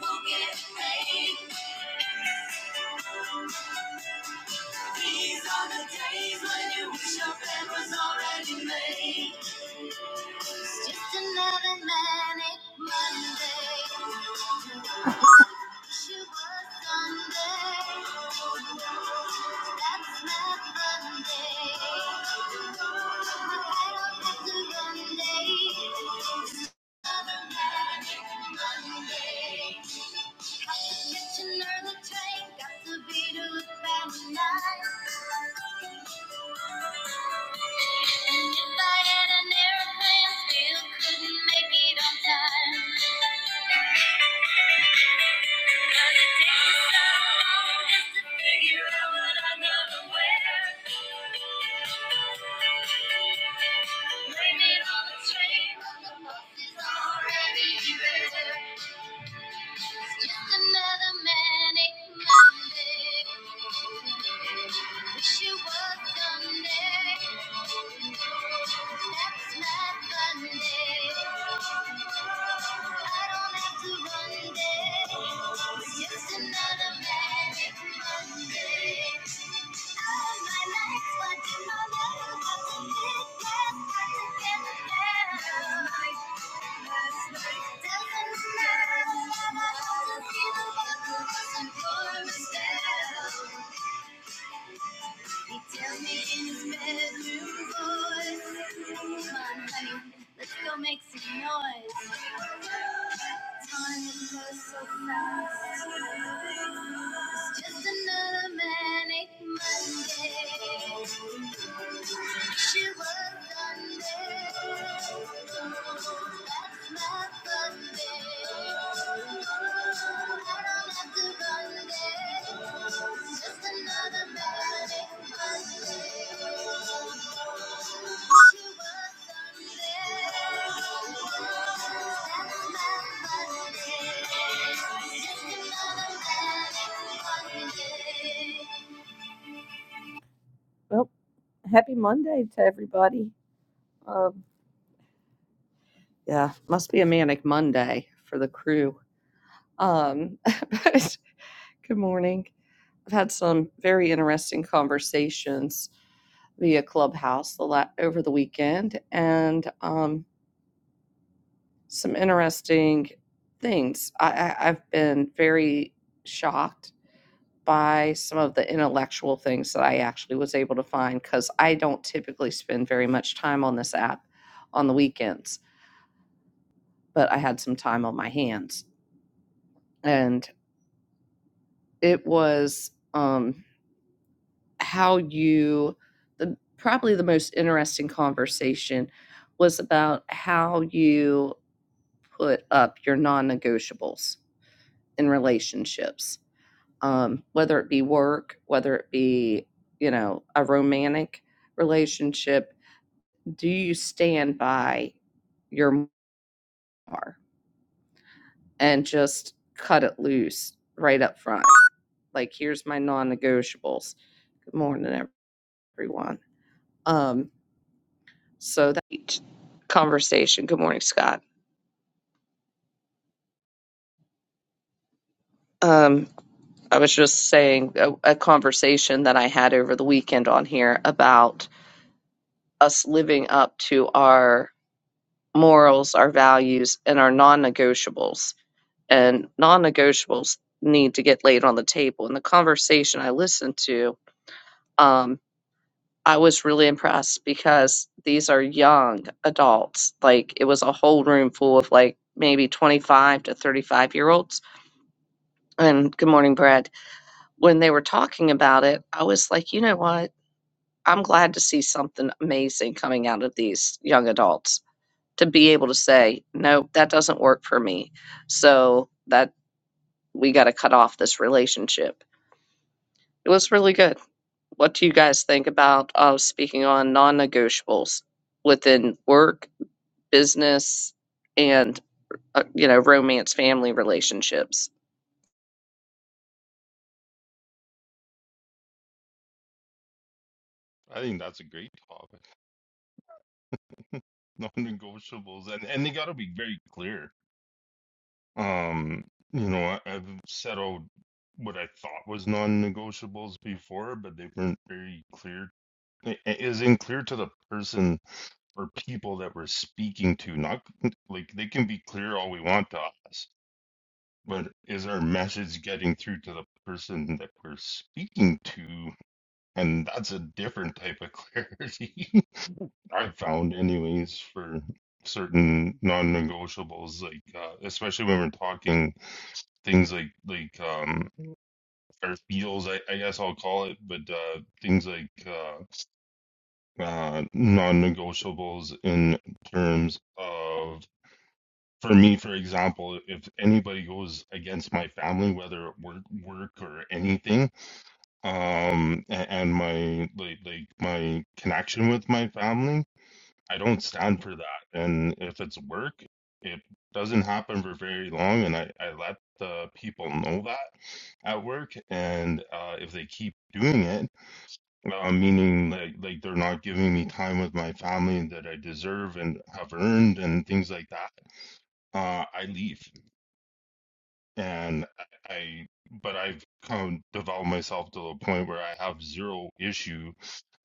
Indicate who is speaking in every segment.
Speaker 1: won't get paid. These are the days when you wish your bed was already made. Well, happy Monday to everybody. Um, yeah, must be a manic Monday for the crew. Um, but good morning. I've had some very interesting conversations via Clubhouse the la- over the weekend, and um, some interesting things. I, I- I've been very shocked by some of the intellectual things that I actually was able to find because I don't typically spend very much time on this app on the weekends, but I had some time on my hands. And it was um, how you, the, probably the most interesting conversation was about how you put up your non negotiables in relationships, um, whether it be work, whether it be, you know, a romantic relationship do you stand by your bar and just cut it loose right up front? Like, here's my non-negotiables. Good morning, everyone. Um, so that conversation. Good morning, Scott. Um, I was just saying a, a conversation that I had over the weekend on here about us living up to our morals, our values, and our non-negotiables and non-negotiables need to get laid on the table. In the conversation I listened to, um, I was really impressed because these are young adults. Like it was a whole room full of like maybe 25 to 35 year olds. And good morning, Brad. When they were talking about it, I was like, you know what? I'm glad to see something amazing coming out of these young adults to be able to say, no, that doesn't work for me. So that we got to cut off this relationship It was really good. What do you guys think about uh, speaking on non-negotiables within work, business, and uh, you know, romance, family relationships?
Speaker 2: I think that's a great topic. Non-negotiables, and and they got to be very clear. Um, you know, I, I've set out what I thought was non-negotiables before, but they weren't very clear. It it isn't clear to the person or people that we're speaking to. Not like they can be clear all we want to us, but is our message getting through to the person that we're speaking to? And that's a different type of clarity. I've found anyways for certain non-negotiables like uh, especially when we're talking things like like um or feels I, I guess I'll call it but uh things like uh, uh non-negotiables in terms of for me for example if anybody goes against my family whether at work work or anything um a- and my like like my connection with my family I don't stand for that. And if it's work, it doesn't happen for very long. And I, I let the people know that at work. And uh, if they keep doing it, uh, meaning like, like they're not giving me time with my family that I deserve and have earned and things like that, uh, I leave. And I, but I've come developed myself to a point where I have zero issue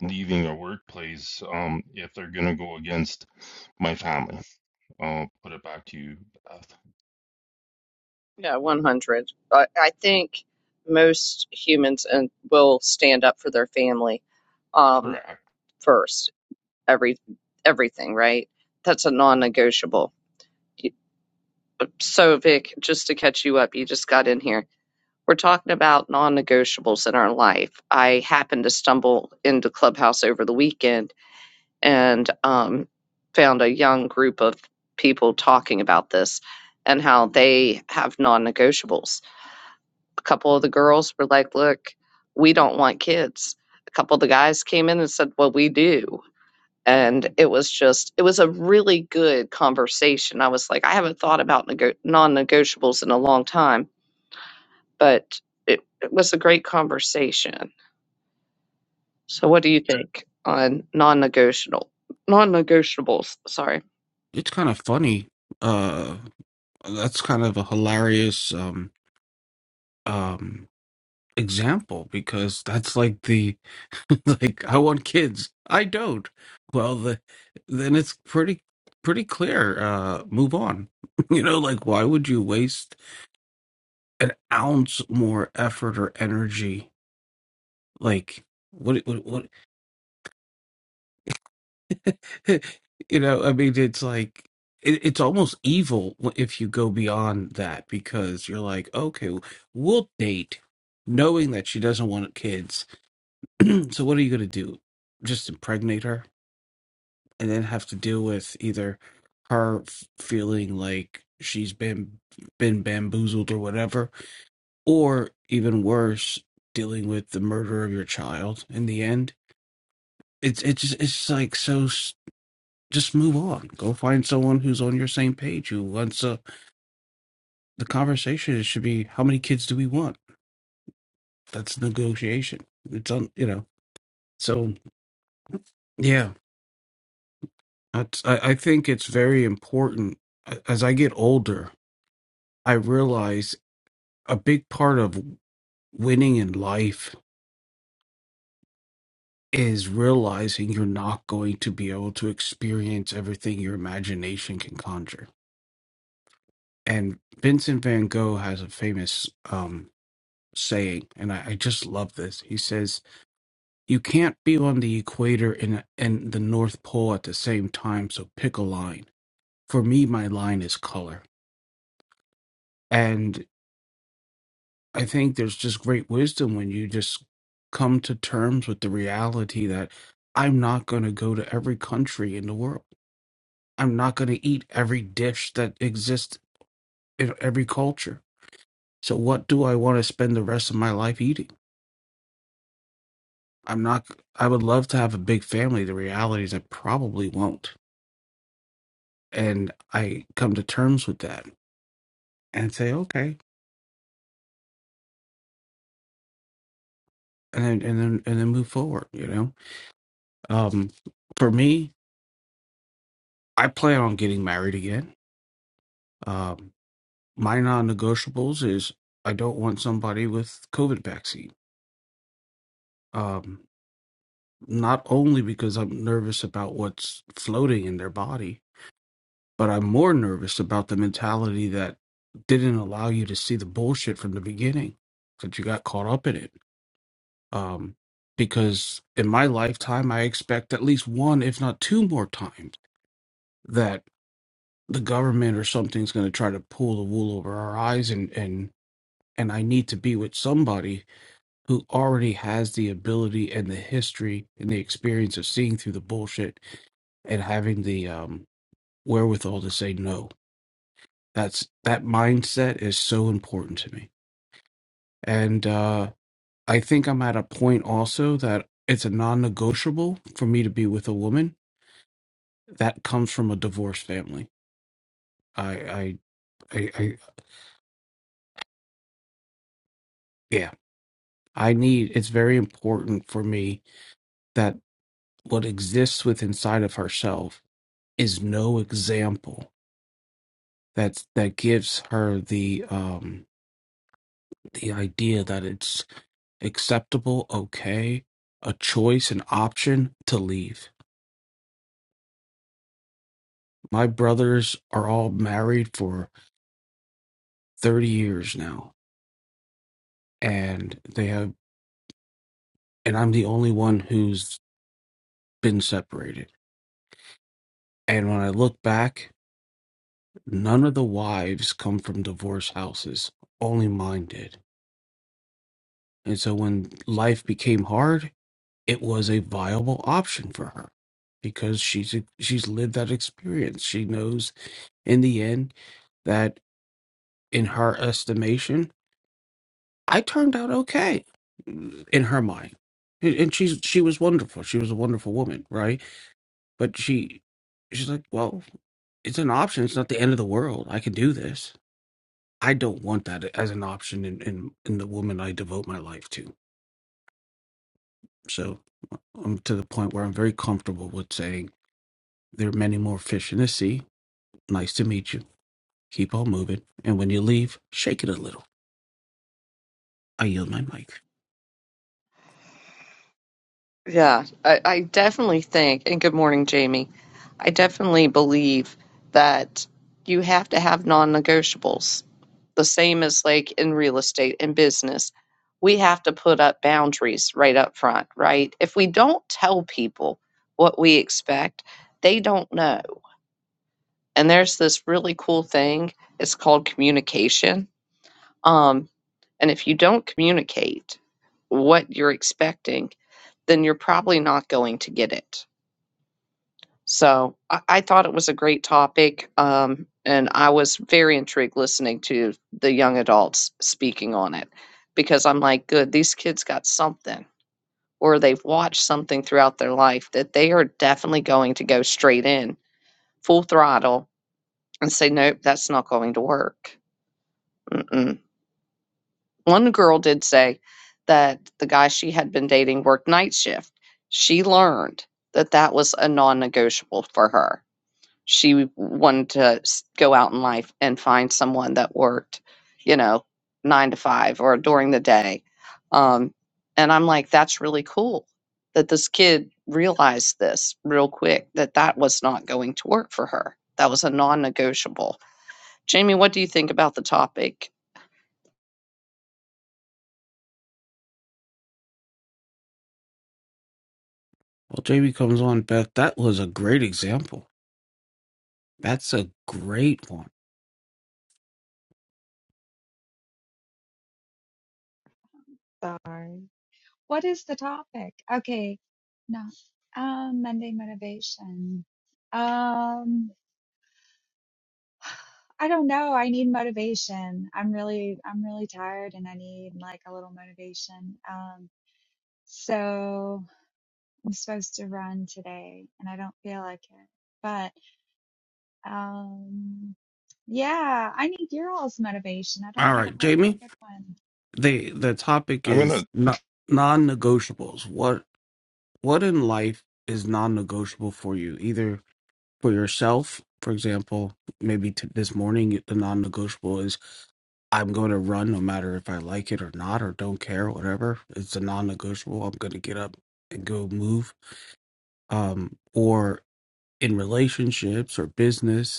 Speaker 2: leaving a workplace um, if they're going to go against my family. I'll put it back to you, Beth.
Speaker 1: Yeah, 100. I, I think most humans and will stand up for their family um,
Speaker 2: Correct.
Speaker 1: first. Every everything, right? That's a non-negotiable. You- So, Vic, just to catch you up, you just got in here. We're talking about non-negotiables in our life. I happened to stumble into Clubhouse over the weekend and um, found a young group of people talking about this and how they have non-negotiables A couple of the girls were like, look, we don't want kids. A couple of the guys came in and said, well, we do. And it was just, it was a really good conversation. I was like, I haven't thought about nego- non negotiables in a long time, but it, it was a great conversation. So what do you think on non-negotiable non-negotiables, sorry.
Speaker 3: it's kind of funny. Uh, that's kind of a hilarious um um example because that's like the like I want kids, I don't. Well, the, then it's pretty pretty clear. Uh, move on. You know, like why would you waste an ounce more effort or energy? Like what? What? you know, I mean, it's like it, it's almost evil if you go beyond that because you're like, okay, we'll date, knowing that she doesn't want kids. so what are you going to do? Just impregnate her and then have to deal with either her f- feeling like she's been been bamboozled or whatever, or even worse, dealing with the murder of your child in the end. It's it's just, it's like so. just move on. Go find someone who's on your same page who wants uh, the conversation. It should be how many kids do we want? That's negotiation. It's on, you know. So yeah, that's, I, I think it's very important. A- As I get older, I realize a big part of winning in life is realizing you're not going to be able to experience everything your imagination can conjure. And Vincent van Gogh has a famous um, saying, and I, I just love this. He says, You can't be on the equator and, and the North Pole at the same time, so pick a line. For me, my line is color. And I think there's just great wisdom when you just come to terms with the reality that I'm not going to go to every country in the world. I'm not going to eat every dish that exists in every culture. So, what do I want to spend the rest of my life eating? I'm not, I would love to have a big family. The reality is, I probably won't. And I come to terms with that and say, okay, and then, and then, and then move forward, you know? Um, for me, I plan on getting married again. Um, my non negotiables is I don't want somebody with COVID vaccine. Um, not only because I'm nervous about what's floating in their body, But I'm more nervous about the mentality that didn't allow you to see the bullshit from the beginning, that you got caught up in it. Um, because in my lifetime, I expect at least one, if not two more times, that the government or something's going to try to pull the wool over our eyes, and and and I need to be with somebody who already has the ability and the history and the experience of seeing through the bullshit and having the um, wherewithal to say no That's that mindset is so important to me. And uh, I think I'm at a point also that it's a non-negotiable for me to be with a woman that comes from a divorced family. I, I, I, I yeah, I need. It's very important for me that what exists within inside of herself is no example that that gives her the um the idea that it's acceptable, okay, a choice, an option to leave My brothers are all married for 30 years now, and they have, and I'm the only one who's been separated. And when I look back, none of the wives come from divorce houses, only mine did. And so when life became hard, it was a viable option for her because she's she's lived that experience. She knows in the end that in her estimation I turned out okay in her mind. And and she's she was wonderful. She was a wonderful woman, right? But she she's like, well, it's an option. It's not the end of the world. I can do this. I don't want that as an option in in, in the woman I devote my life to. So I'm to the point where I'm very comfortable with saying there are many more fish in the sea. Nice to meet you. Keep on moving. And when you leave, shake it a little. I yield my mic.
Speaker 1: Yeah, I, I definitely think, and good morning, Jamie. I definitely believe that you have to have non-negotiables. the same as like in real estate and business. We have to put up boundaries right up front, right? If we don't tell people what we expect, they don't know. And there's this really cool thing. It's called communication. Um, and if you don't communicate what you're expecting, then you're probably not going to get it So I, I thought it was a great topic, um, and I was very intrigued listening to the young adults speaking on it because I'm like, good, these kids got something, or they've watched something throughout their life that they are definitely going to go straight in, full throttle, and say, nope, that's not going to work. Mm-mm. One girl did say that the guy she had been dating worked night shift. She learned that that was a non negotiable for her she wanted to go out in life and find someone that worked, you know, nine to five or during the day. Um, and I'm like, that's really cool that this kid realized this real quick that that was not going to work for her. That was a non negotiable. Jamie, what do you think about the topic?
Speaker 3: Well, Jamie comes on, Beth. That was a great example That's a great one.
Speaker 4: Darn. What is the topic? Okay. No. Um, Monday motivation. Um, I don't know. I need motivation. I'm really, I'm really tired and I need like a little motivation. Um, so I'm supposed to run today and I don't feel like it, but, um, yeah, I need your all's motivation. I don't
Speaker 3: All
Speaker 4: have a
Speaker 3: right,
Speaker 4: whole lot of
Speaker 3: Jamie.
Speaker 4: good one.
Speaker 3: The the topic
Speaker 2: I'm
Speaker 3: is
Speaker 2: gonna.
Speaker 3: non negotiables. What what in life is non negotiable for you? Either for yourself, for example, maybe t- this morning the non negotiable is I'm going to run no matter if I like it or not or don't care, whatever. It's a non negotiable. I'm going to get up and go move. Um, or in relationships or business,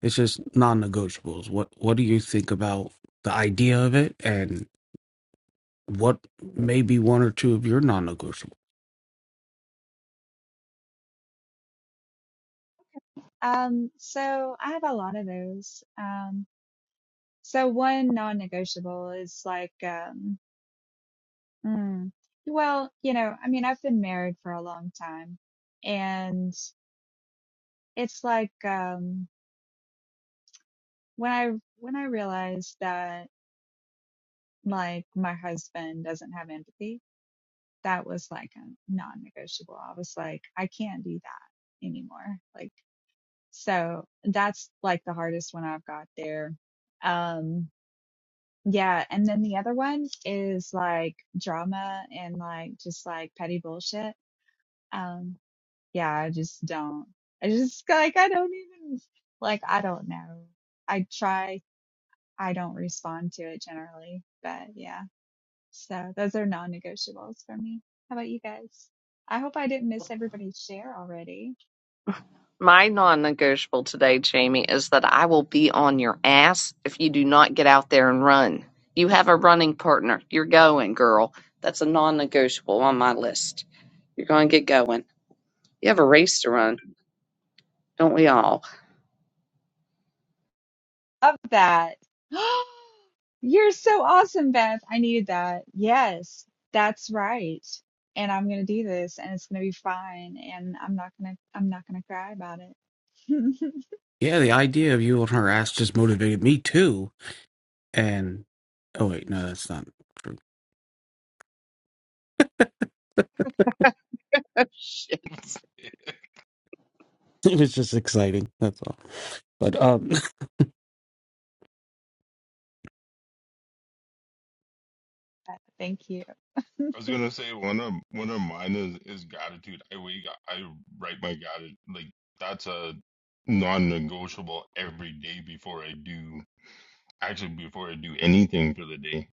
Speaker 3: It's just non-negotiables. What What do you think about the idea of it, and what may be one or two of your non-negotiables?
Speaker 4: Um, so I have a lot of those. Um, So one non-negotiable is like, um, mm, well, you know, I mean, I've been married for a long time and it's like, um, when I, when I realized that like my husband doesn't have empathy, that was like a non-negotiable. I was like, I can't do that anymore. Like, so that's like the hardest one I've got there. Um, Yeah, and then the other one is like drama and like just like petty bullshit. Um, yeah, I just don't. I just like I don't even like I don't know. I try, I don't respond to it generally, but yeah. So those are non-negotiables for me. How about you guys? I hope I didn't miss everybody's share already.
Speaker 1: My non negotiable today, Jamie, is that I will be on your ass if you do not get out there and run. You have a running partner. You're going, girl. That's a non negotiable on my list. You're going to get going. You have a race to run, don't we all?
Speaker 4: Love that. You're so awesome, Beth. I needed that. Yes, that's right. And I'm gonna do this and it's gonna be fine and I'm not gonna I'm not gonna cry about it.
Speaker 3: Yeah, the idea of you on her ass just motivated me too. And oh wait, no, that's not true.
Speaker 1: Shit.
Speaker 3: It was just exciting. That's all. But um,
Speaker 4: Thank you.
Speaker 2: I was gonna say one of one of mine is is gratitude. I wake. I write my gratitude. Like that's a non-negotiable every day before I do. Actually, before I do anything for the day,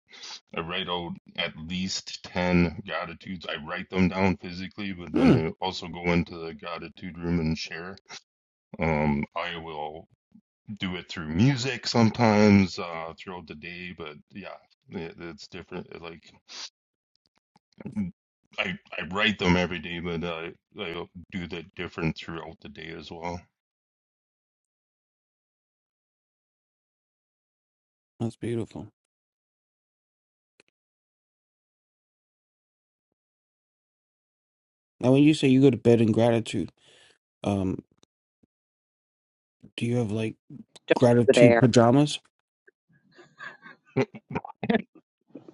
Speaker 2: I write out at least ten gratitudes. I write them down physically, but then
Speaker 3: hmm,
Speaker 2: I also go into the gratitude room and share. Um, I will. do it through music sometimes uh, throughout the day, but yeah, it, it's different. Like I I write them every day, but I I do that different throughout the day as well.
Speaker 3: that's beautiful. Now, when you say you go to bed in gratitude, um, do you have like gratitude
Speaker 1: There.
Speaker 3: pajamas?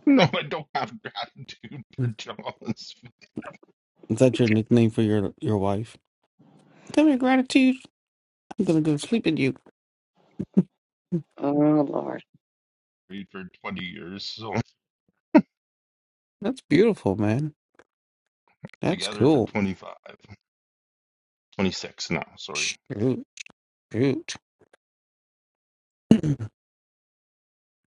Speaker 2: No, I don't have gratitude for John's
Speaker 3: Is that your nickname for your your wife? Tell me gratitude. I'm gonna go sleep in you.
Speaker 1: Oh, Lord.
Speaker 2: married for 20 years, so
Speaker 3: That's beautiful, man. That's
Speaker 2: together for
Speaker 3: cool.
Speaker 2: 25, 26 now, sorry.
Speaker 3: Shoot, shoot.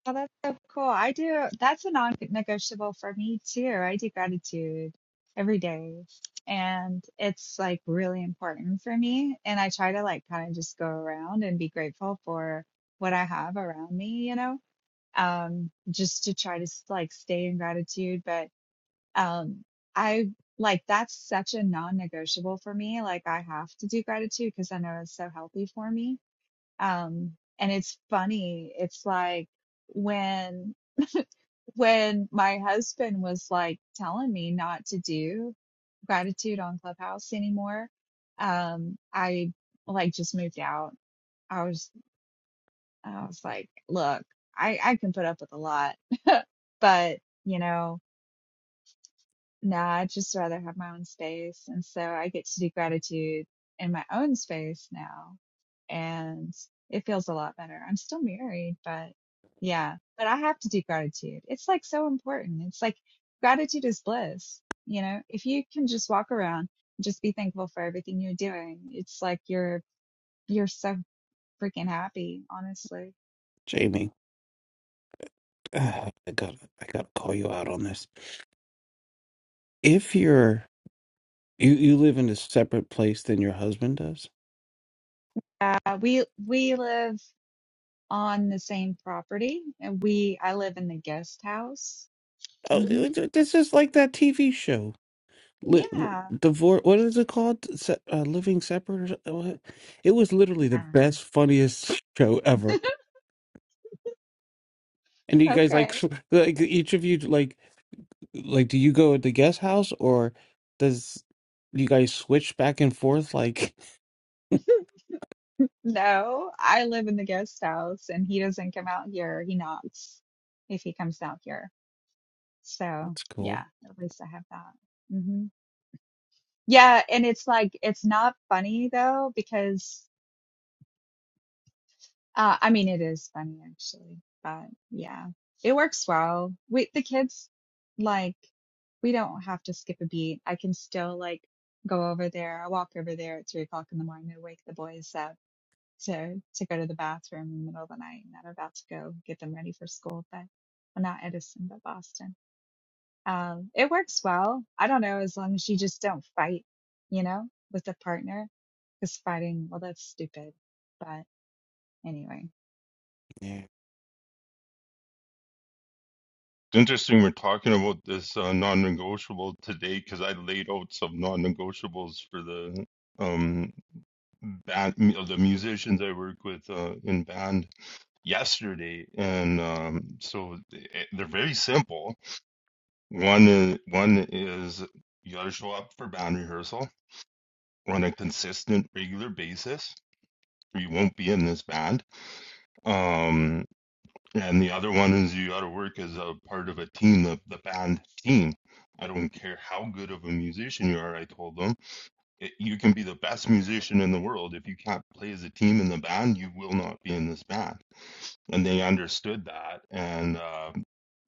Speaker 4: Oh, that's so cool. I do, that's a non-negotiable for me too. I do gratitude every day. And it's like really important for me. And I try to like kind of just go around and be grateful for what I have around me, you know? um, just to try to s- like stay in gratitude. But um, I like that's such a non-negotiable for me. Like I have to do gratitude because I know it's so healthy for me. Um, and it's funny. It's like when when my husband was like telling me not to do gratitude on Clubhouse anymore, um, I like just moved out. I was I was like, look, I I can put up with a lot, but you know. Nah, I'd just rather have my own space. And so I get to do gratitude in my own space now. And it feels a lot better. I'm still married, but yeah, but I have to do gratitude. It's like so important. It's like gratitude is bliss. You know, if you can just walk around and just be thankful for everything you're doing, it's like you're, you're so freaking happy, honestly.
Speaker 3: Jamie, ah, I gotta, I gotta call you out on this. If you're, you, you live in a separate place than your husband does.
Speaker 4: Uh, we, we live on the same property and we, I live in the guest house.
Speaker 3: Oh,
Speaker 4: Mm-hmm.
Speaker 3: it- it- this is like that TV show. Li-
Speaker 4: Yeah.
Speaker 3: divorce. What is it called? Se- uh, living separate. Or, so- what? it was literally the
Speaker 4: Um,
Speaker 3: best, funniest show ever. And you guys like,
Speaker 4: okay.
Speaker 3: like each of you like. Like, do you go at the guest house or does you guys switch back and forth? Like,
Speaker 4: No, I live in the guest house and he doesn't come out here. He knocks if he comes out here. So,
Speaker 3: that's cool.
Speaker 4: yeah, at least I have that. hmm Yeah. And it's like, it's not funny though, because, uh, I mean, it is funny actually, but yeah, it works well. We, the kids, like, we don't have to skip a beat. I can still like go over there. I walk over there at three o'clock in the morning to wake the boys up to to go to the bathroom in the middle of the night and I'm about to go get them ready for school. But well, not Edison, but Boston. Um, it works well. I don't know, as long as you just don't fight, you know, with a partner, because fighting, well, that's stupid. But anyway.
Speaker 3: Yeah.
Speaker 2: It's interesting we're talking about this uh, non-negotiable today because I laid out some non-negotiables for the um band, mu- the musicians I work with uh, in band yesterday, and um, so th- eh, they're very simple. One is one is you got to show up for band rehearsal on a consistent, regular basis, or you won't be in this band. Um, and the other one is you got to work as a part of a team, the, the band team. I don't care how good of a musician you are, I told them it- you can be the best musician in the world if you can't play as a team in the band you will not be in this band and they understood that and uh,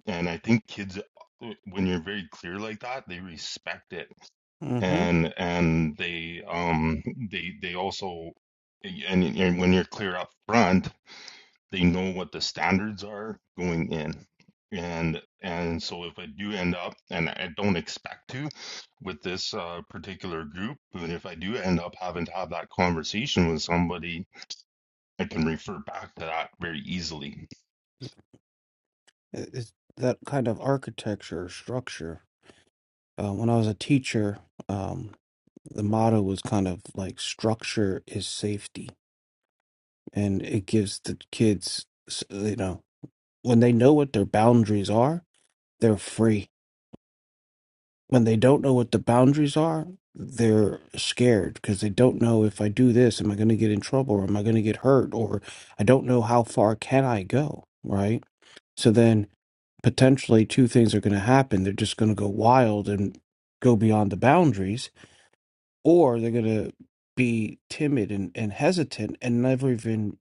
Speaker 2: and i think kids uh, when you're very clear like that they respect it
Speaker 3: Mm-hmm.
Speaker 2: and and they um they they also eh, and, and when you're clear up front they know what the standards are going in and and so if i do end up and i don't expect to with this uh, particular group but if i do end up having to have that conversation with somebody i can refer back to that very easily
Speaker 3: It- It's that kind of architecture or structure. Uh, when I was a teacher, um, the motto was kind of like structure is safety. And it gives the kids, s- you know, when they know what their boundaries are, they're free. when they don't know what the boundaries are, they're scared because they don't know if I do this, am I going to get in trouble or am I going to get hurt or I don't know how far can I go, right? So then potentially two things are going to happen. They're just going to go wild and go beyond the boundaries or they're going to be timid and, and hesitant and never even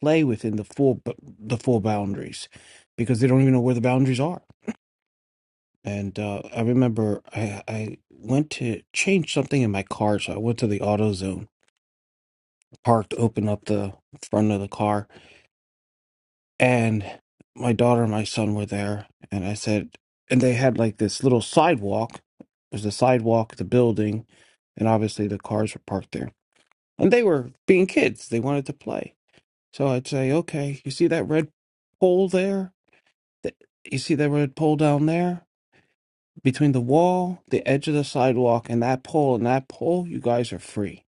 Speaker 3: play within the full the full boundaries because they don't even know where the boundaries are And uh, I remember I, I went to change something in my car. So I went to the AutoZone, parked, opened up the front of the car, and my daughter and my son were there. And I said, and they had like this little sidewalk. There's a sidewalk, the building, and obviously the cars were parked there. And they were being kids, they wanted to play. So I'd say, okay, you see that red pole there? Th- You see that red pole down there? Between the wall, the edge of the sidewalk, and that pole and that pole, you guys are free.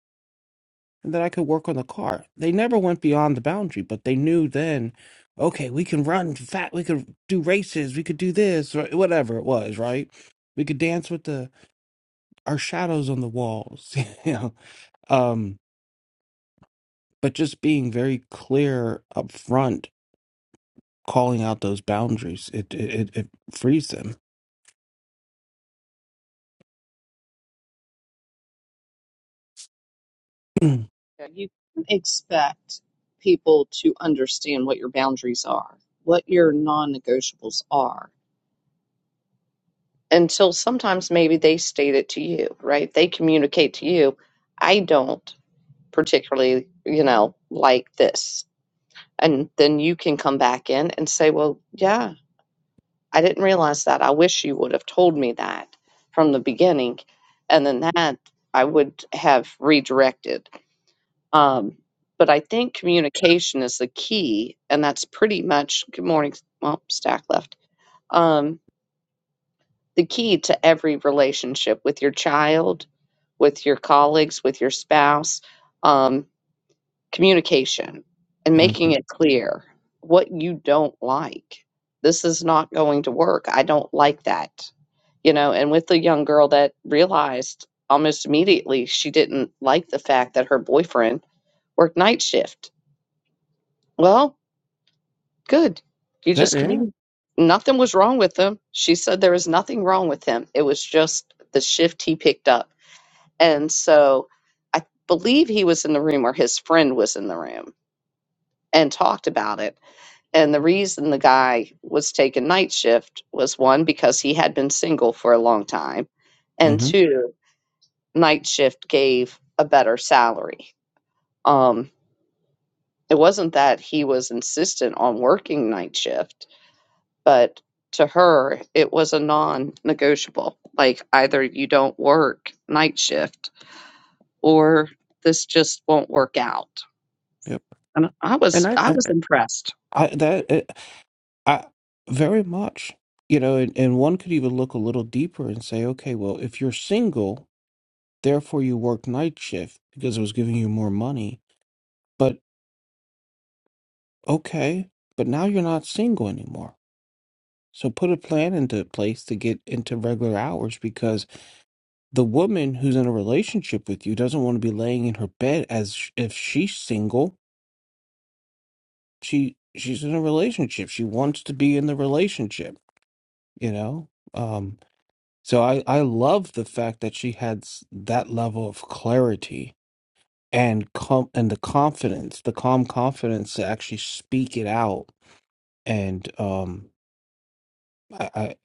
Speaker 3: And then I could work on the car. They never went beyond the boundary, but they knew then, okay, we can run fat, we could do races, we could do this, or whatever it was, right? We could dance with the our shadows on the walls, you know. Um, but just being very clear up front, calling out those boundaries, it it, it, it frees them.
Speaker 1: You can't expect people to understand what your boundaries are, what your non negotiables are. until sometimes maybe they state it to you, right? They communicate to you. I don't particularly, you know, like this. And then you can come back in and say, well, yeah, I didn't realize that. I wish you would have told me that from the beginning. And then that I would have redirected. Um, but I think communication is the key. And that's pretty much, good morning, well, stack left. Um, the key to every relationship with your child, with your colleagues, with your spouse, um, communication and making
Speaker 3: Mhm.
Speaker 1: it clear what you don't like. This is not going to work. I don't like that. You know, and with the young girl that realized almost immediately she didn't like the fact that her boyfriend worked night shift. Well, Good. You
Speaker 3: That
Speaker 1: just
Speaker 3: yeah.
Speaker 1: communicated. Nothing was wrong with him. She said there was nothing wrong with him. It was just the shift he picked up. And so I believe he was in the room or his friend was in the room and talked about it. And the reason the guy was taking night shift was one, because he had been single for a long time. And
Speaker 3: hmm
Speaker 1: two, night shift gave a better salary. Um, it wasn't that he was insistent on working night shift But to her, it was a non negotiable. Like either you don't work night shift or this just won't work out.
Speaker 3: Yep.
Speaker 1: And I was
Speaker 3: And I,
Speaker 1: I
Speaker 3: I,
Speaker 1: was impressed.
Speaker 3: I that I very much, you know, and, and one could even look a little deeper and say, okay, well, if you're single, therefore you work night shift because it was giving you more money. But okay, but now you're not single anymore. So put a plan into place to get into regular hours because the woman who's in a relationship with you doesn't want to be laying in her bed as sh- if she's single. She she's in a relationship. She wants to be in the relationship, you know? Um, So I, I love the fact that she had s- that level of clarity and com- and the confidence, the calm confidence to actually speak it out. And um, I, I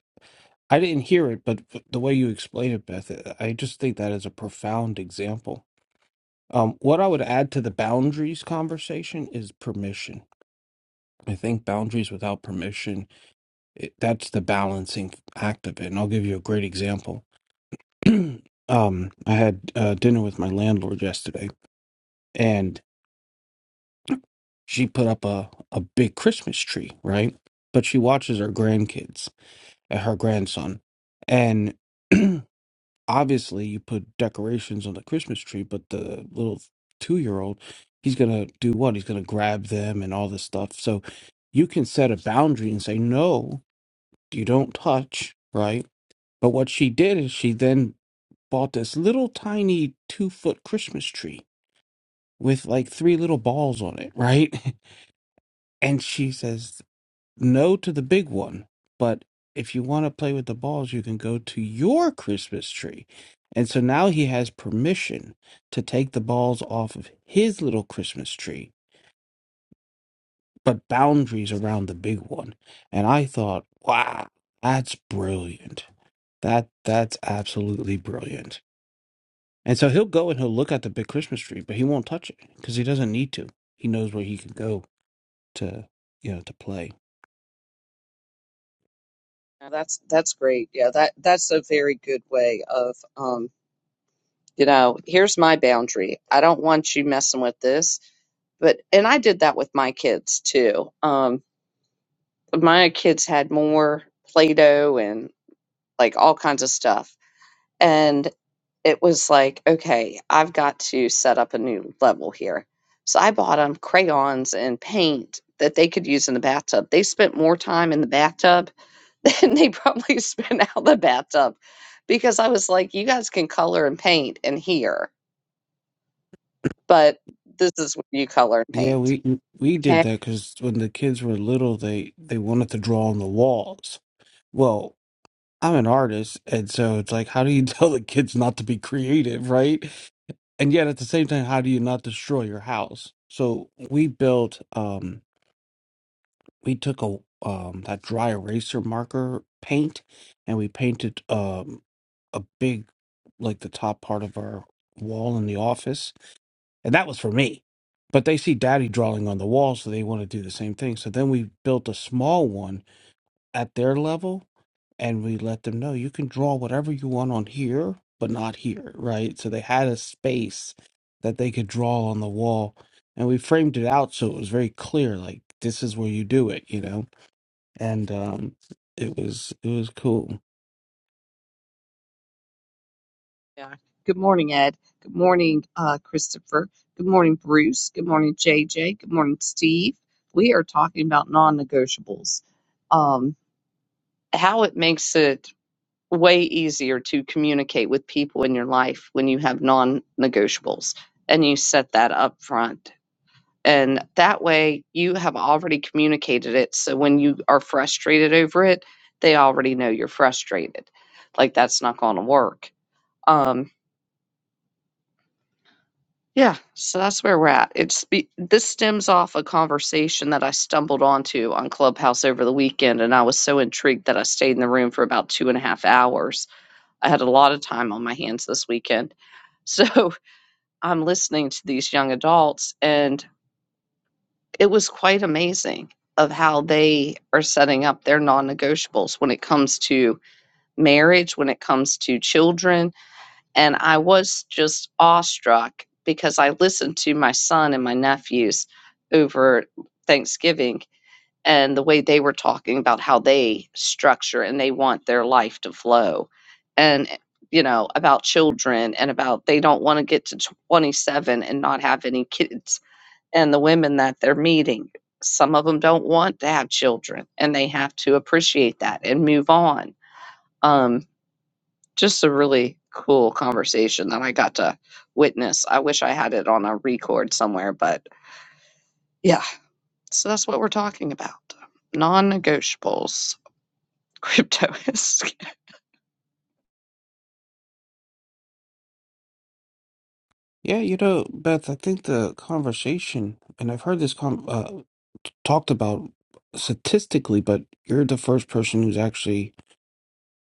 Speaker 3: I didn't hear it, but the way you explained it, Beth, uh, I just think that is a profound example. Um, what I would add to the boundaries conversation is permission. I think boundaries without permission, it, that's the balancing act of it. And I'll give you a great example um, I had uh, dinner with my landlord yesterday, and she put up a, a big Christmas tree, right? But she watches her grandkids and her grandson. And obviously, you put decorations on the Christmas tree, but the little two year old, he's going to do what? He's going to grab them and all this stuff. So you can set a boundary and say, no, you don't touch, right? But what she did is she then bought this little tiny two foot Christmas tree with like three little balls on it, right? And she says no to the big one, but if you want to play with the balls, you can go to your Christmas tree. And so now he has permission to take the balls off of his little Christmas tree, but boundaries around the big one. And I thought, wow, that's brilliant. That that's absolutely brilliant. And so he'll go and he'll look at the big Christmas tree, but he won't touch it because he doesn't need to. He knows where he can go to you know to play.
Speaker 1: Yeah, that's that's great. Yeah, that that's a very good way of um, you know, here's my boundary. I don't want you messing with this. But and I did that with my kids too. Um, my kids had more Play-Doh and like all kinds of stuff. And it was like, okay, I've got to set up a new level here. So I bought them crayons and paint that they could use in the bathtub. They spent more time in the bathtub and they probably spit out the bathtub because I was like, you guys can color and paint in here, but this is what you color and
Speaker 3: Yeah,
Speaker 1: paint.
Speaker 3: we we did
Speaker 1: Okay.
Speaker 3: that because when the kids were little, they they wanted to draw on the walls. Well, I'm an artist, and so it's like, how do you tell the kids not to be creative, right? And yet at the same time, how do you not destroy your house? So we built, um, we took a um that dry eraser marker paint, and we painted um a big like the top part of our wall in the office And that was for me. But they see daddy drawing on the wall, so they want to do the same thing. So then we built a small one at their level and we let them know you can draw whatever you want on here, but not here, right? So they had a space that they could draw on the wall. And we framed it out so it was very clear, like this is where you do it, you know? And um it was it was cool.
Speaker 1: Yeah. Good morning, Ed. Good morning, uh, Christopher. Good morning, Bruce. Good morning, JJ. Good morning, Steve. We are talking about non-negotiables. Um, How it makes it way easier to communicate with people in your life when you have non negotiables and you set that up front. And that way you have already communicated it. So when you are frustrated over it, they already know you're frustrated. Like that's not going to work. Um, yeah, so that's where we're at. It's be- this stems off a conversation that I stumbled onto on Clubhouse over the weekend, and I was so intrigued that I stayed in the room for about two and a half hours. I had a lot of time on my hands this weekend, so I'm listening to these young adults, and it was quite amazing of how they are setting up their non-negotiables when it comes to marriage, when it comes to children, and I was just awestruck because I listened to my son and my nephews over Thanksgiving and the way they were talking about how they structure and they want their life to flow and you know about children and about they don't want to get to 27 and not have any kids and the women that they're meeting. Some of them don't want to have children and they have to appreciate that and move on. Um, just a really cool conversation that I got to witness. I wish I had it on a record somewhere, but yeah. So that's what we're talking about non negotiables. Crypto is
Speaker 3: Yeah, you know, Beth, I think the conversation, and I've heard this com uh, t- talked about statistically, but you're the first person who's actually,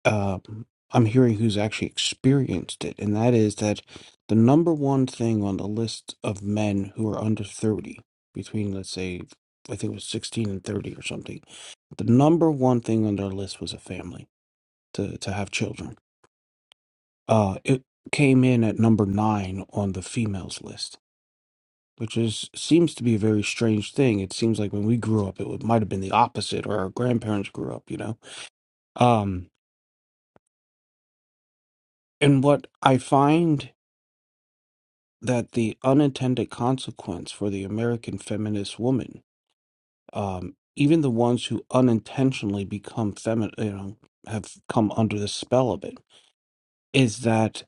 Speaker 3: um, I'm hearing who's actually experienced it, and that is that the number one thing on the list of men who are under 30, between, let's say, I think it was 16 and 30 or something, the number one thing on their list was a family, to, to have children. Uh, it came in at number nine on the females list. which is seems to be a very strange thing. It seems like when we grew up, it would, might have been the opposite, or our grandparents grew up, you know. Um, and what I find that the unintended consequence for the American feminist woman, um, even the ones who unintentionally become feminine, you know, have come under the spell of it, is that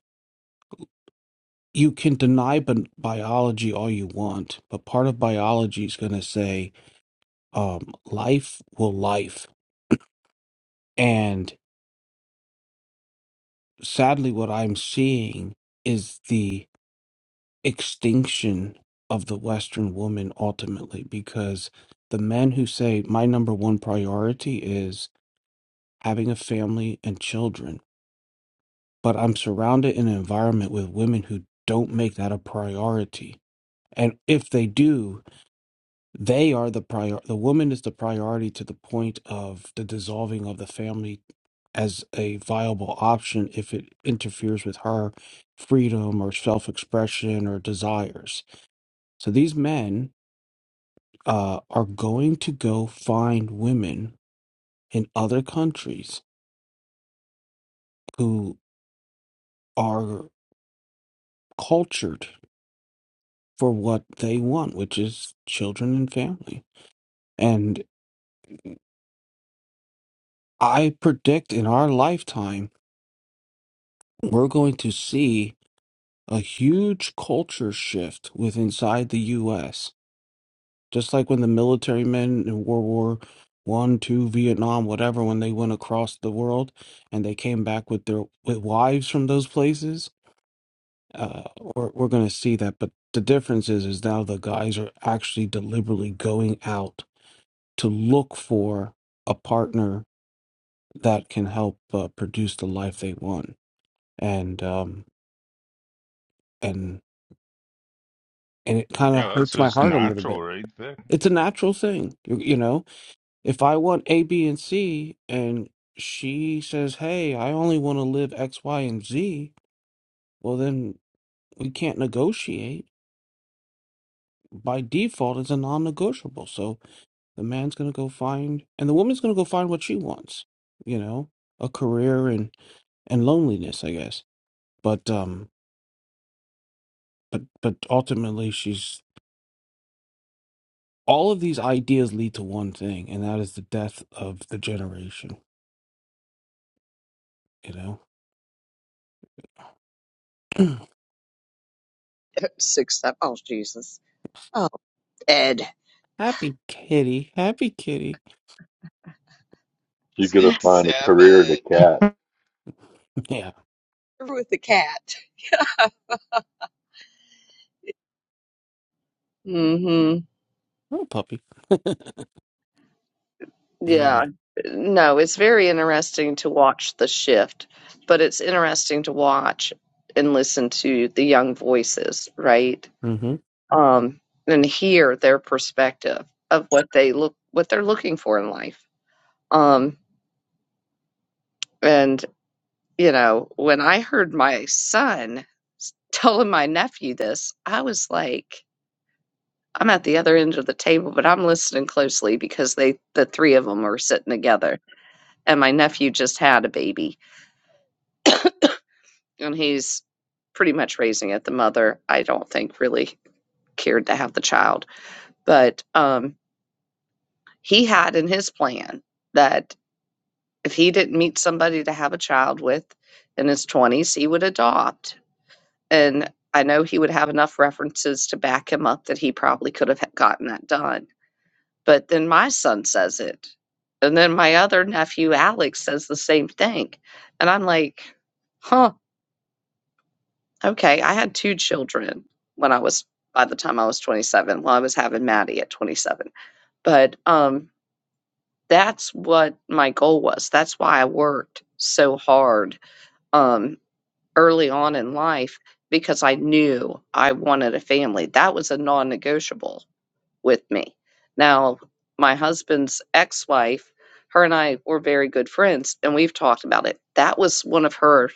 Speaker 3: you can deny bi- biology all you want, but part of biology is going to say um, life will life. And sadly, what I'm seeing is the extinction of the Western woman ultimately, because the men who say, My number one priority is having a family and children, but I'm surrounded in an environment with women who don't make that a priority. And if they do, They are the prior. The woman is the priority to the point of the dissolving of the family as a viable option if it interferes with her freedom or self-expression or desires. So these men uh, are going to go find women in other countries who are cultured for what they want, which is children and family. And I predict in our lifetime, we're going to see a huge culture shift with inside the US. Just like when the military men in World War One, Two, Vietnam, whatever, when they went across the world and they came back with their with wives from those places, uh, we're, we're going to see that. But the difference is, is now the guys are actually deliberately going out to look for a partner that can help uh, produce the life they want, and um, and and it kind
Speaker 2: yeah
Speaker 3: of
Speaker 2: that's
Speaker 3: hurts my
Speaker 2: just
Speaker 3: heart a little
Speaker 2: natural
Speaker 3: bit
Speaker 2: right there
Speaker 3: It's a natural thing. You, you know, if I want A, B, and C, and she says, hey, I only want to live X, Y, and Z, well, then we can't negotiate. By default, it's a non negotiable. So the man's going to go find, and the woman's going to go find what she wants, you know, a career and, and loneliness, I guess. But, um, but, but ultimately, she's all of these ideas lead to one thing, and that is the death of the generation, you know?
Speaker 1: six. Oh, Jesus. Oh, Ed.
Speaker 3: Happy kitty, happy kitty.
Speaker 5: She's gonna
Speaker 2: stick to
Speaker 5: find a
Speaker 2: seven
Speaker 5: career in a cat.
Speaker 3: Yeah,
Speaker 1: with the cat. Mm hmm.
Speaker 3: little puppy.
Speaker 1: Yeah.
Speaker 3: Uh,
Speaker 1: No, it's very interesting to watch the shift, but it's interesting to watch and listen to the young voices, right?
Speaker 3: hmm
Speaker 1: Um, and hear their perspective of what they look what they're looking for in life. Um, and you know, when I heard my son s- telling my nephew this, I was like, I'm at the other end of the table, but I'm listening closely because they the three of them are sitting together, and my nephew just had a baby and he's pretty much raising it. The mother, I don't think, really cared to have the child, but um, he had in his plan that if he didn't meet somebody to have a child with in his 20s, he would adopt. And I know he would have enough references to back him up that he probably could have gotten that done. But then my son says it. And then my other nephew, Alex, says the same thing. And I'm like, huh, Okay, I had 2 children when I was by the time I was 27, well, I was having Maddie at 27. But, um, that's what my goal was. That's why I worked so hard, um, early on in life because I knew I wanted a family. That was a non-negotiable with me. Now, my husband's ex-wife, her and I were very good friends, and we've talked about it. That was one of her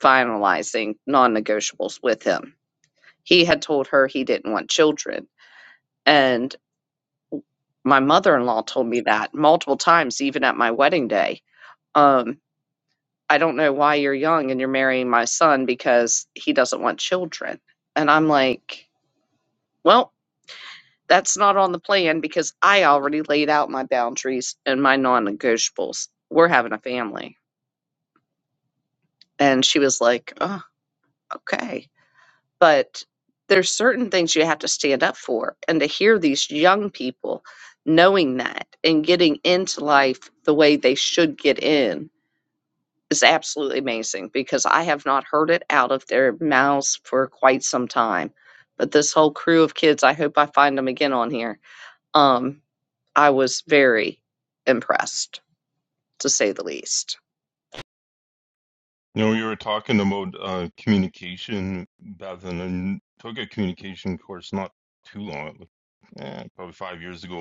Speaker 1: finalizing non-negotiables with him he had told her he didn't want children. And my mother in law told me that multiple times, even at my wedding day. Um, I don't know why you're young and you're marrying my son because he doesn't want children. And I'm like, well, that's not on the plan because I already laid out my boundaries and my non negotiables. We're having a family. And she was like, oh, okay. but there's certain things you have to stand up for and to hear these young people knowing that and getting into life the way they should get in is absolutely amazing because i have not heard it out of their mouths for quite some time but this whole crew of kids i hope i find them again on here um i was very impressed to say the least
Speaker 2: you know you were talking about uh, communication beth and i took a communication course not too long eh, probably five years ago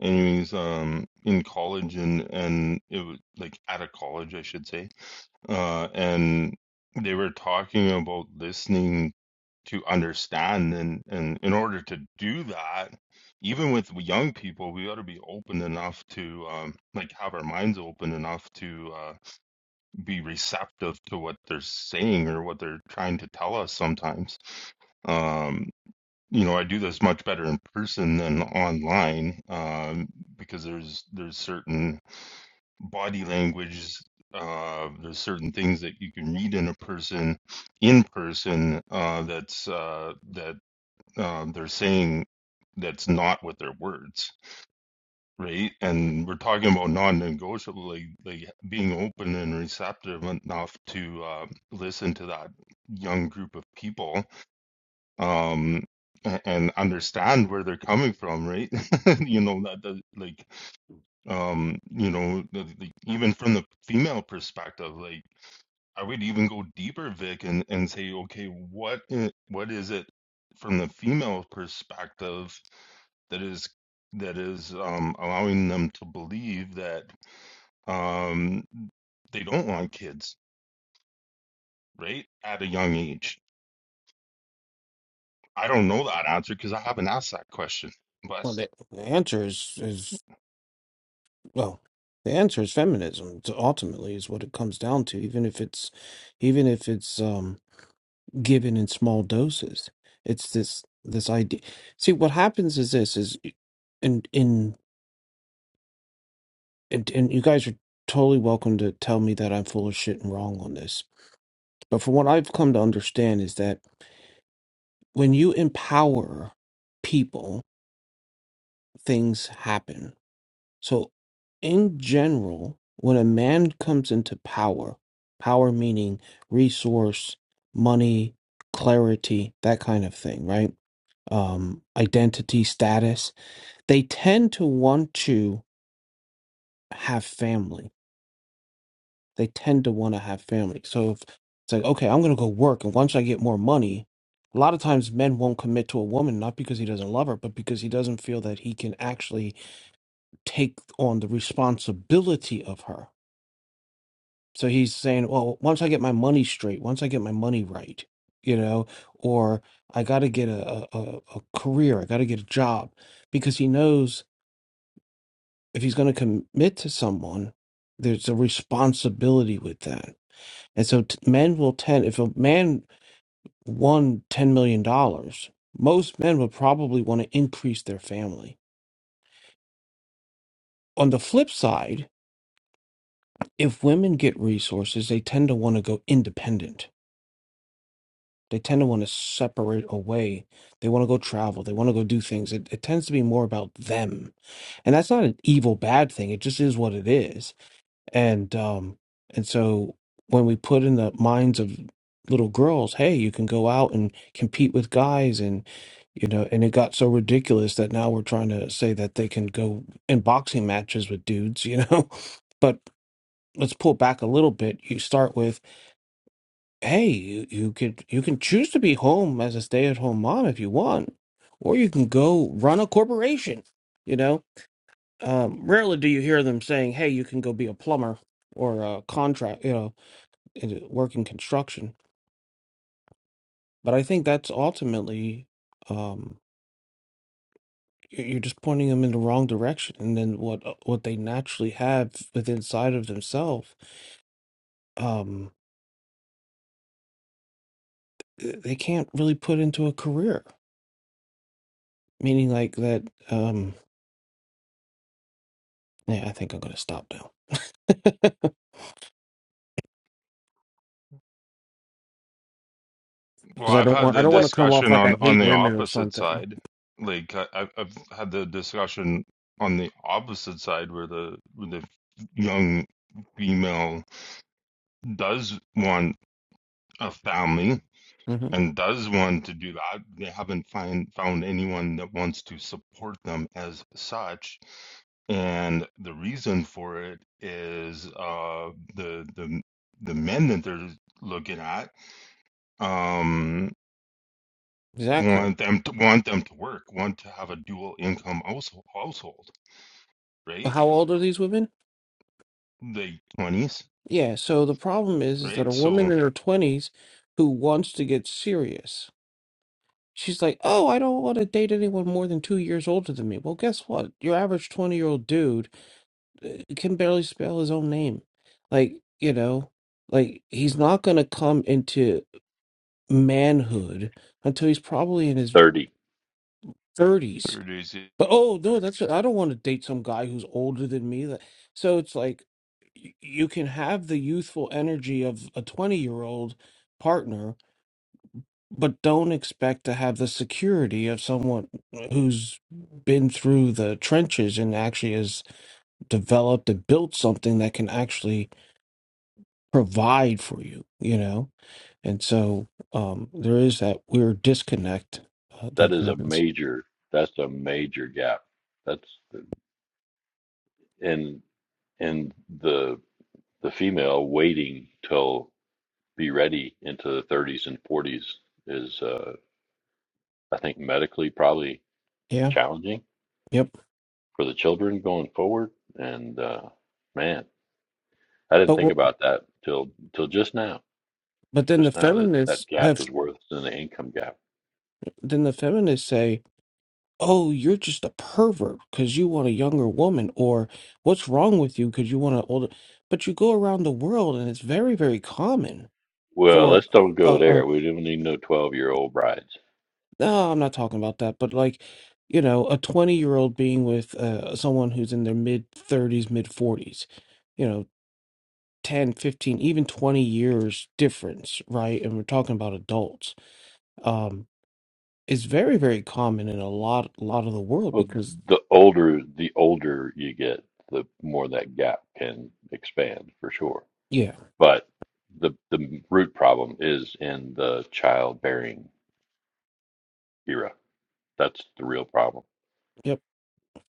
Speaker 2: anyways um in college and and it was like at a college i should say uh and they were talking about listening to understand and and in order to do that even with young people we ought to be open enough to um like have our minds open enough to uh be receptive to what they're saying or what they're trying to tell us sometimes Um you know, I do this much better in person than online um, because there's there's certain body language, uh, there's certain things that you can read in a person in person uh, that's uh, that uh, they're saying that's not with their words, right? And we're talking about non-negotiable, like, like being open and receptive enough to uh, listen to that young group of people um a- and understand where they're coming from right you know that, that like um you know the, the, even from the female perspective like i would even go deeper vic and and say okay what i- what is it from the female perspective that is that is um allowing them to believe that um they don't want kids right at a young age i don't know that answer because i haven't asked that question but
Speaker 3: Well, the, the answer is is well, the answer is feminism. To ultimately, is what it comes down to. Even if it's, even if it's um given in small doses, it's this this idea. See, what happens is this is, and in and, and you guys are totally welcome to tell me that I'm full of shit and wrong on this. But from what I've come to understand is that when you empower people things happen. So, in general, when a man comes into power, power meaning resource, money, clarity, that kind of thing, right? Um, identity, status, they tend to want to have family. They tend to want to have family. So, if it's like, okay, I'm going to go work, and once I get more money, a lot of times men won't commit to a woman, not because he doesn't love her, but because he doesn't feel that he can actually take on the responsibility of her. So he's saying, well, once I get my money straight, once I get my money right, you know, or I got to get a, a, a a career, I got to get a job, because he knows if he's going to commit to someone, there's a responsibility with that. And so t- men will tend, if a man won $10 million, dollars, most men would probably want to increase their family. On the flip side, if women get resources, they tend to want to go independent They tend to want to separate away. They want to go travel. They want to go do things. It, it tends to be more about them, and that's not an evil bad thing. It just is what it is. And um, and so when we put in the minds of little girls, hey, you can go out and compete with guys, and you know, and it got so ridiculous that now we're trying to say that they can go in boxing matches with dudes, you know. But let's pull back a little bit. You start with hey, you, you could you can choose to be home as a stay-at-home mom if you want, or you can go run a corporation. You know, um, rarely do you hear them saying, "Hey, you can go be a plumber or a contract," you know, and work in construction. But I think that's ultimately um, you- you're just pointing them in the wrong direction, and then what what they naturally have within inside of themselves, um, they can't really put into a career. Meaning, like that. Um, yeah, I think I'm gonna stop now. because
Speaker 2: Well,
Speaker 3: I
Speaker 2: I've
Speaker 3: don't
Speaker 2: had
Speaker 3: want I
Speaker 2: the
Speaker 3: don't want
Speaker 1: What?
Speaker 3: to come off
Speaker 2: discussion
Speaker 3: like I
Speaker 2: on on
Speaker 3: hate
Speaker 2: the
Speaker 3: women or
Speaker 2: opposite
Speaker 3: something.
Speaker 2: side. Like I, I've I've had the discussion on the opposite side where the where the young female does want a family
Speaker 3: hmm
Speaker 2: and does want to do that. They haven't find found anyone that wants to support them as such, and the reason for it is uh the the the men that they're looking at. Um,
Speaker 3: Exactly.
Speaker 2: want them to want them to work, want to have a dual income household, household
Speaker 3: But
Speaker 2: right?
Speaker 3: How old are these women?
Speaker 2: Like twenties,
Speaker 3: Yeah. So the problem is, is that
Speaker 2: right?
Speaker 3: a woman
Speaker 2: So
Speaker 3: in her twenties who wants to get serious, she's like, "Oh, I don't want to date anyone more than two years older than me." Well, guess what? Your average twenty-year-old dude uh, can barely spell his own name. Like you know, like he's not gonna come into manhood until he's probably in his
Speaker 5: Thirty.
Speaker 3: thirties
Speaker 2: there
Speaker 3: But oh no, that's I don't want to date some guy who's older than me. That so it's like y- you can have the youthful energy of a 20-year-old partner, but don't expect to have the security of someone who's been through the trenches and actually has developed and built something that can actually provide for you, you know? And so um there is that weird disconnect uh,
Speaker 5: That
Speaker 3: that
Speaker 5: is a
Speaker 3: happens.
Speaker 5: major. That's a major gap. That's and and the the female waiting till be ready into the 30s and 40s is uh, I think medically probably
Speaker 3: Yeah.
Speaker 5: challenging
Speaker 3: Yep.
Speaker 5: for the children going forward. And uh, man, I
Speaker 3: But
Speaker 5: didn't think
Speaker 3: w-
Speaker 5: about that till till just now.
Speaker 3: but then the
Speaker 5: Just now that
Speaker 3: feminists
Speaker 5: that gap
Speaker 3: have
Speaker 5: is worse than the income gap.
Speaker 3: then the feminists say, "Oh, you're just a pervert because you want a younger woman," or "What's wrong with you because you want an older?" But you go around the world, and it's very, very common
Speaker 5: Well,
Speaker 3: for
Speaker 5: let's don't
Speaker 3: a,
Speaker 5: go
Speaker 3: a
Speaker 5: there. We don't need no 12 year old brides.
Speaker 3: no, I'm not talking about that, but like, you know, a 20 year old being with uh, someone who's in their mid 30s, mid 40s, you know, 10, 15, even 20 years difference, right? And we're talking about adults. Um, it's very, very common in a lot, lot of the world
Speaker 5: Well,
Speaker 3: because,
Speaker 5: the older the older you get, the more that gap can expand for sure.
Speaker 3: yeah.
Speaker 5: But the the root problem is in the childbearing era. That's the real problem.
Speaker 3: Yep.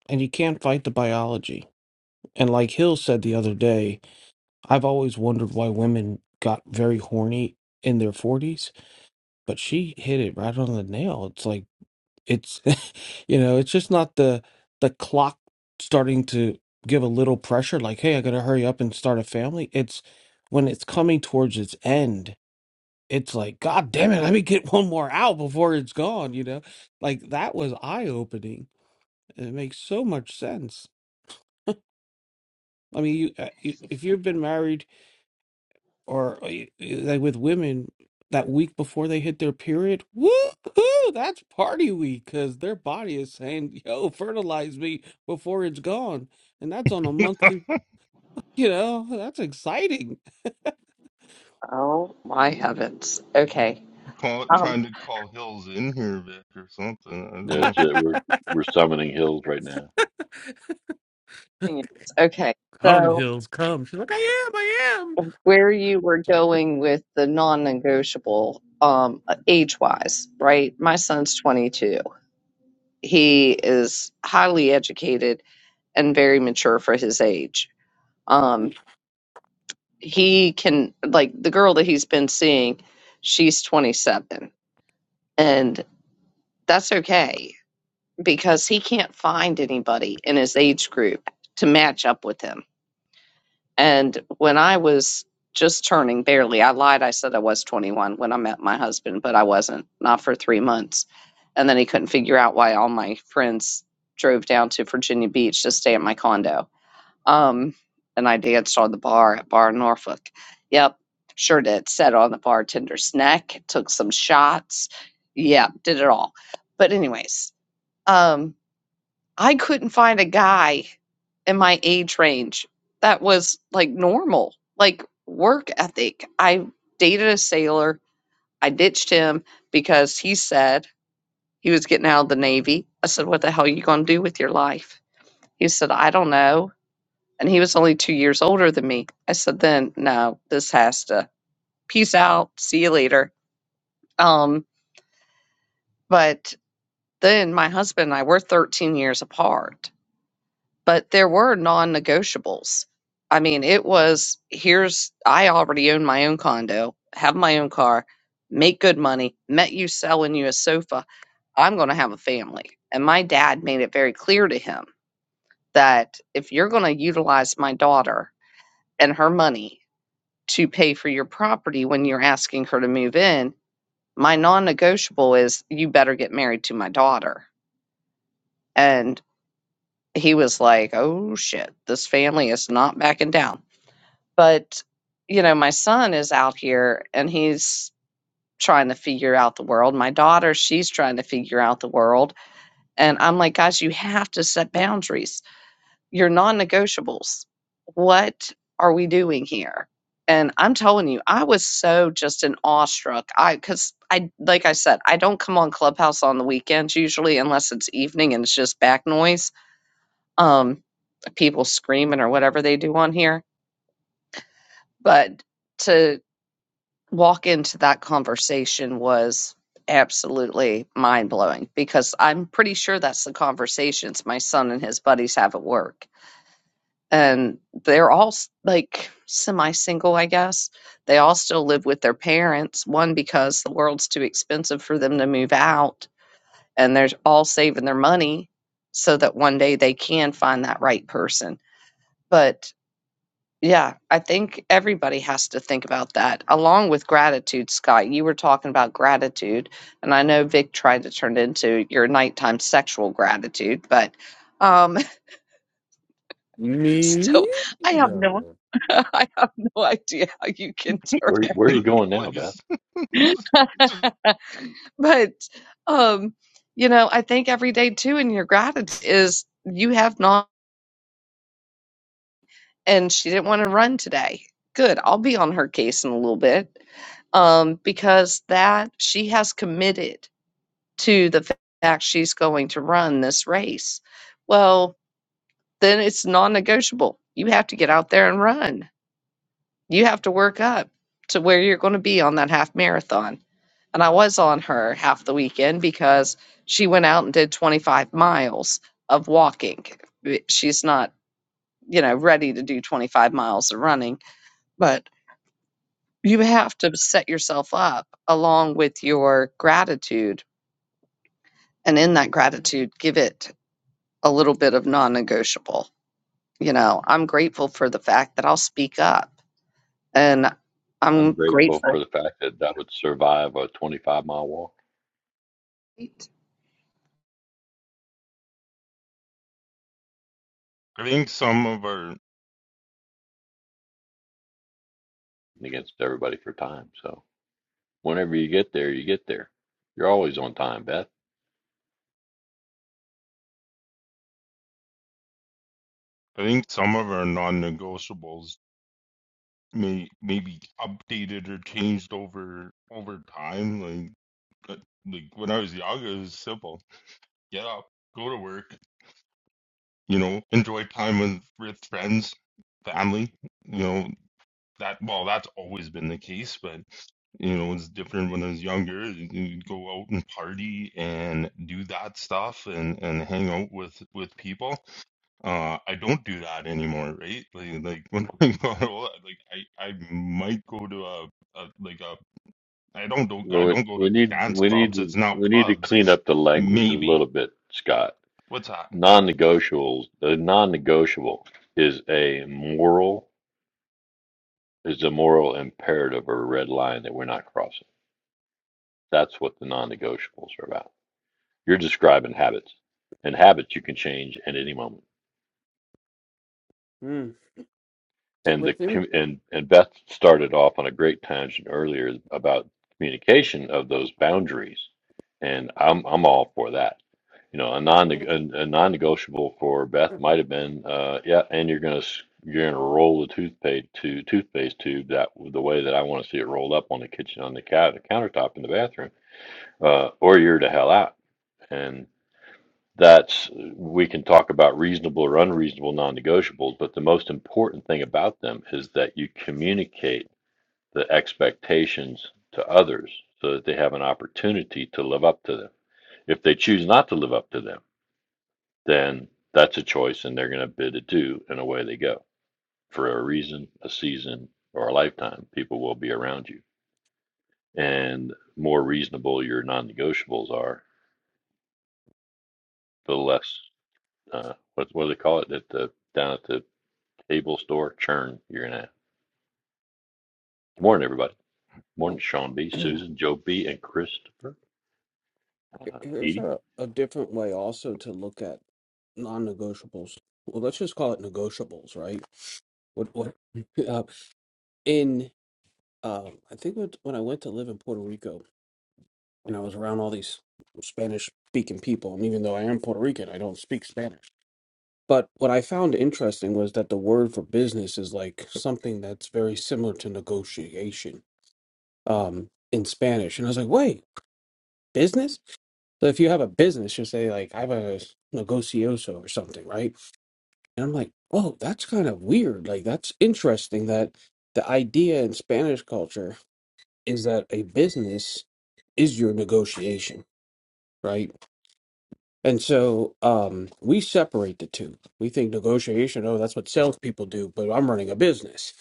Speaker 3: and you can't fight the biology. And like Hill said the other day, I've always wondered why women got very horny in their 40s, but she hit it right on the nail. It's like it's you know, it's just not the the clock starting to give a little pressure like, "Hey, I got to hurry up and start a family." It's when it's coming towards its end. It's like, "God damn it, let me get one more out before it's gone," you know? Like that was eye-opening. It makes so much sense. I mean, you, uh, you if you've been married or uh, you- you- like with women that week before they hit their period, woo-hoo, that's party week because their body is saying, "Yo, fertilize me before it's gone," and that's on a monthly. You know, that's exciting.
Speaker 1: Oh my heavens. Okay.
Speaker 2: call it
Speaker 1: um
Speaker 2: trying to call Hills in here Vic or something. I don't know.
Speaker 5: That's it. We're we're summoning hills right now.
Speaker 1: Okay.
Speaker 3: come
Speaker 1: So.
Speaker 3: hills, come. She's like, "I am, I am."
Speaker 1: where you were
Speaker 3: Sorry,
Speaker 1: going with the non-negotiable um age-wise, right? My son's 22. He is highly educated and very mature for his age. Um he can like the girl that he's been seeing, she's 27 and that's okay because he can't find anybody in his age group to match up with him And when I was just turning barely, I lied. I said I was 21 when I met my husband, but I wasn't, not for three months. And then he couldn't figure out why all my friends drove down to Virginia Beach to stay at my condo. Um, and I danced on the bar at Bar Norfolk. Yep, sure did. Sat on the bartender's neck, took some shots. Yeah, did it all. But, anyways, um, I couldn't find a guy in my age range that was like normal, like work ethic. I dated a sailor. I ditched him because he said he was getting out of the Navy. I said, What the hell are you going to do with your life? He said, I don't know. And he was only two years older than me. I said, Then no, this has to. Peace out. See you later. Um, but then my husband and I were 13 years apart but there were non-negotiables. I mean, it was here's I already own my own condo, have my own car, make good money, met you selling you a sofa. I'm going to have a family. And my dad made it very clear to him that if you're going to utilize my daughter and her money to pay for your property when you're asking her to move in, my non-negotiable is you better get married to my daughter. And he was like, "Oh shit, this family is not backing down." But, you know, my son is out here and he's trying to figure out the world. My daughter, she's trying to figure out the world. And I'm like, guys, you have to set boundaries, your non negotiables. What are we doing here? And I'm telling you, I was so just an awestruck. I, cause I, like I said, I don't come on Clubhouse on the weekends usually unless it's evening and it's just back noise. Um, people screaming or whatever they do on here. But to walk into that conversation was absolutely mind blowing because I'm pretty sure that's the conversations my son and his buddies have at work. And they're all s- like semi single, I guess. They all still live with their parents, one because the world's too expensive for them to move out, and they're all saving their money so that one day they can find that right person. But yeah, I think everybody has to think about that along with gratitude, Scott. You were talking about gratitude, and I know Vic tried to turn it into your nighttime sexual gratitude, but um
Speaker 3: me
Speaker 1: still I have no
Speaker 3: no.
Speaker 1: I have no idea how you can turn
Speaker 5: Where
Speaker 2: Take
Speaker 5: where are
Speaker 1: every
Speaker 5: you
Speaker 2: the
Speaker 5: going now, Beth?
Speaker 2: place. Just-
Speaker 1: but um you know, I think every day too in your gratitude is you have not. and she didn't want to run today. Good. I'll be on her case in a little bit um, because that she has committed to the fa- fact she's going to run this race. Well, then it's non negotiable. You have to get out there and run. You have to work up to where you're going to be on that half marathon. And I was on her half the weekend because she went out and did 25 miles of walking. Eh, She's not, you know, ready to do 25 miles of running, but. you have to set yourself up along with your gratitude and in that gratitude give it a little bit of non-negotiable you know i'm grateful for the fact that i'll speak up and
Speaker 5: I'm
Speaker 1: i'm
Speaker 5: grateful for
Speaker 1: grateful
Speaker 5: the fact that I would survive a 25 mile walk
Speaker 1: hey
Speaker 2: I think some of our
Speaker 5: against everybody for time. So whenever you get there, you get there. You're always on time, Beth.
Speaker 2: I think some of our non-negotiables may may be updated or changed over over time. Like uh, like when I was young, it was simple: get up, go to work. you know, enjoy time with, with friends, family, you know, that, well, that's always been the case, but, you know, it's different when I was younger. You go out and party and do that stuff and, and hang out with, with people. Uh, I don't do that anymore, right? Like, like when I got older, like I, I might go to a, a like a, I don't, don't, I
Speaker 5: Well, We
Speaker 2: don't go to
Speaker 5: we need
Speaker 2: dance
Speaker 5: we need
Speaker 2: clubs. It's
Speaker 5: to
Speaker 2: now
Speaker 5: we need to
Speaker 2: pubs.
Speaker 5: clean up the language a
Speaker 2: Maybe.
Speaker 5: little bit, Scott.
Speaker 2: What's that?
Speaker 5: Non-negotiables, the non-negotiable is a moral is a moral imperative or a red line that we're not crossing. That's what the non-negotiables are about. You're describing habits, and habits you can change at any moment.
Speaker 3: Mm. Sit
Speaker 5: and
Speaker 3: with
Speaker 5: the
Speaker 3: him.
Speaker 5: com- and and Beth started off on a great tangent earlier about communication of those boundaries, and I'm I'm all for that. You know, a non a, a non-negotiable for Beth might have been, uh, yeah, and you're gonna s- you're gonna roll the toothpaste to toothpaste tube that the way that I want to see it rolled up on the kitchen on the, cou- the countertop in the bathroom, uh, or you're to hell out. and that's we can talk about reasonable or unreasonable non-negotiables but the most important thing about them is that you communicate the expectations to others so that they have an opportunity to live up to them if they choose not to live up to them then that's a choice and they're going to bid adieu and away they go for a reason a season or a lifetime people will be around you and more reasonable your non-negotiables are the less uh, what, what do they call it at the down at the Table Store Churn. You're gonna. Good morning, everybody. Good Morning, Sean B, Susan, Joe B, and Christopher.
Speaker 3: Here-
Speaker 5: Uh,
Speaker 3: Here's
Speaker 5: Edie,
Speaker 3: a, a different way also to look at non-negotiables. Well, let's just call it negotiables, right? What what uh, in um I think when, when I went to live in Puerto Rico and I was around all these Spanish-speaking people, and even though I am Puerto Rican, I don't speak Spanish. But what I found interesting was that the word for business is like something that's very similar to negotiation um, in Spanish, and I was like, wait, business? So if you have a business, you say like I have a negocioso or something, right? And I'm like, oh, that's kind of weird. Like that's interesting that the idea in Spanish culture is that a business is your negotiation, right? And so um, we separate the two. We think negotiation, oh, that's what salespeople do, but I'm running a business.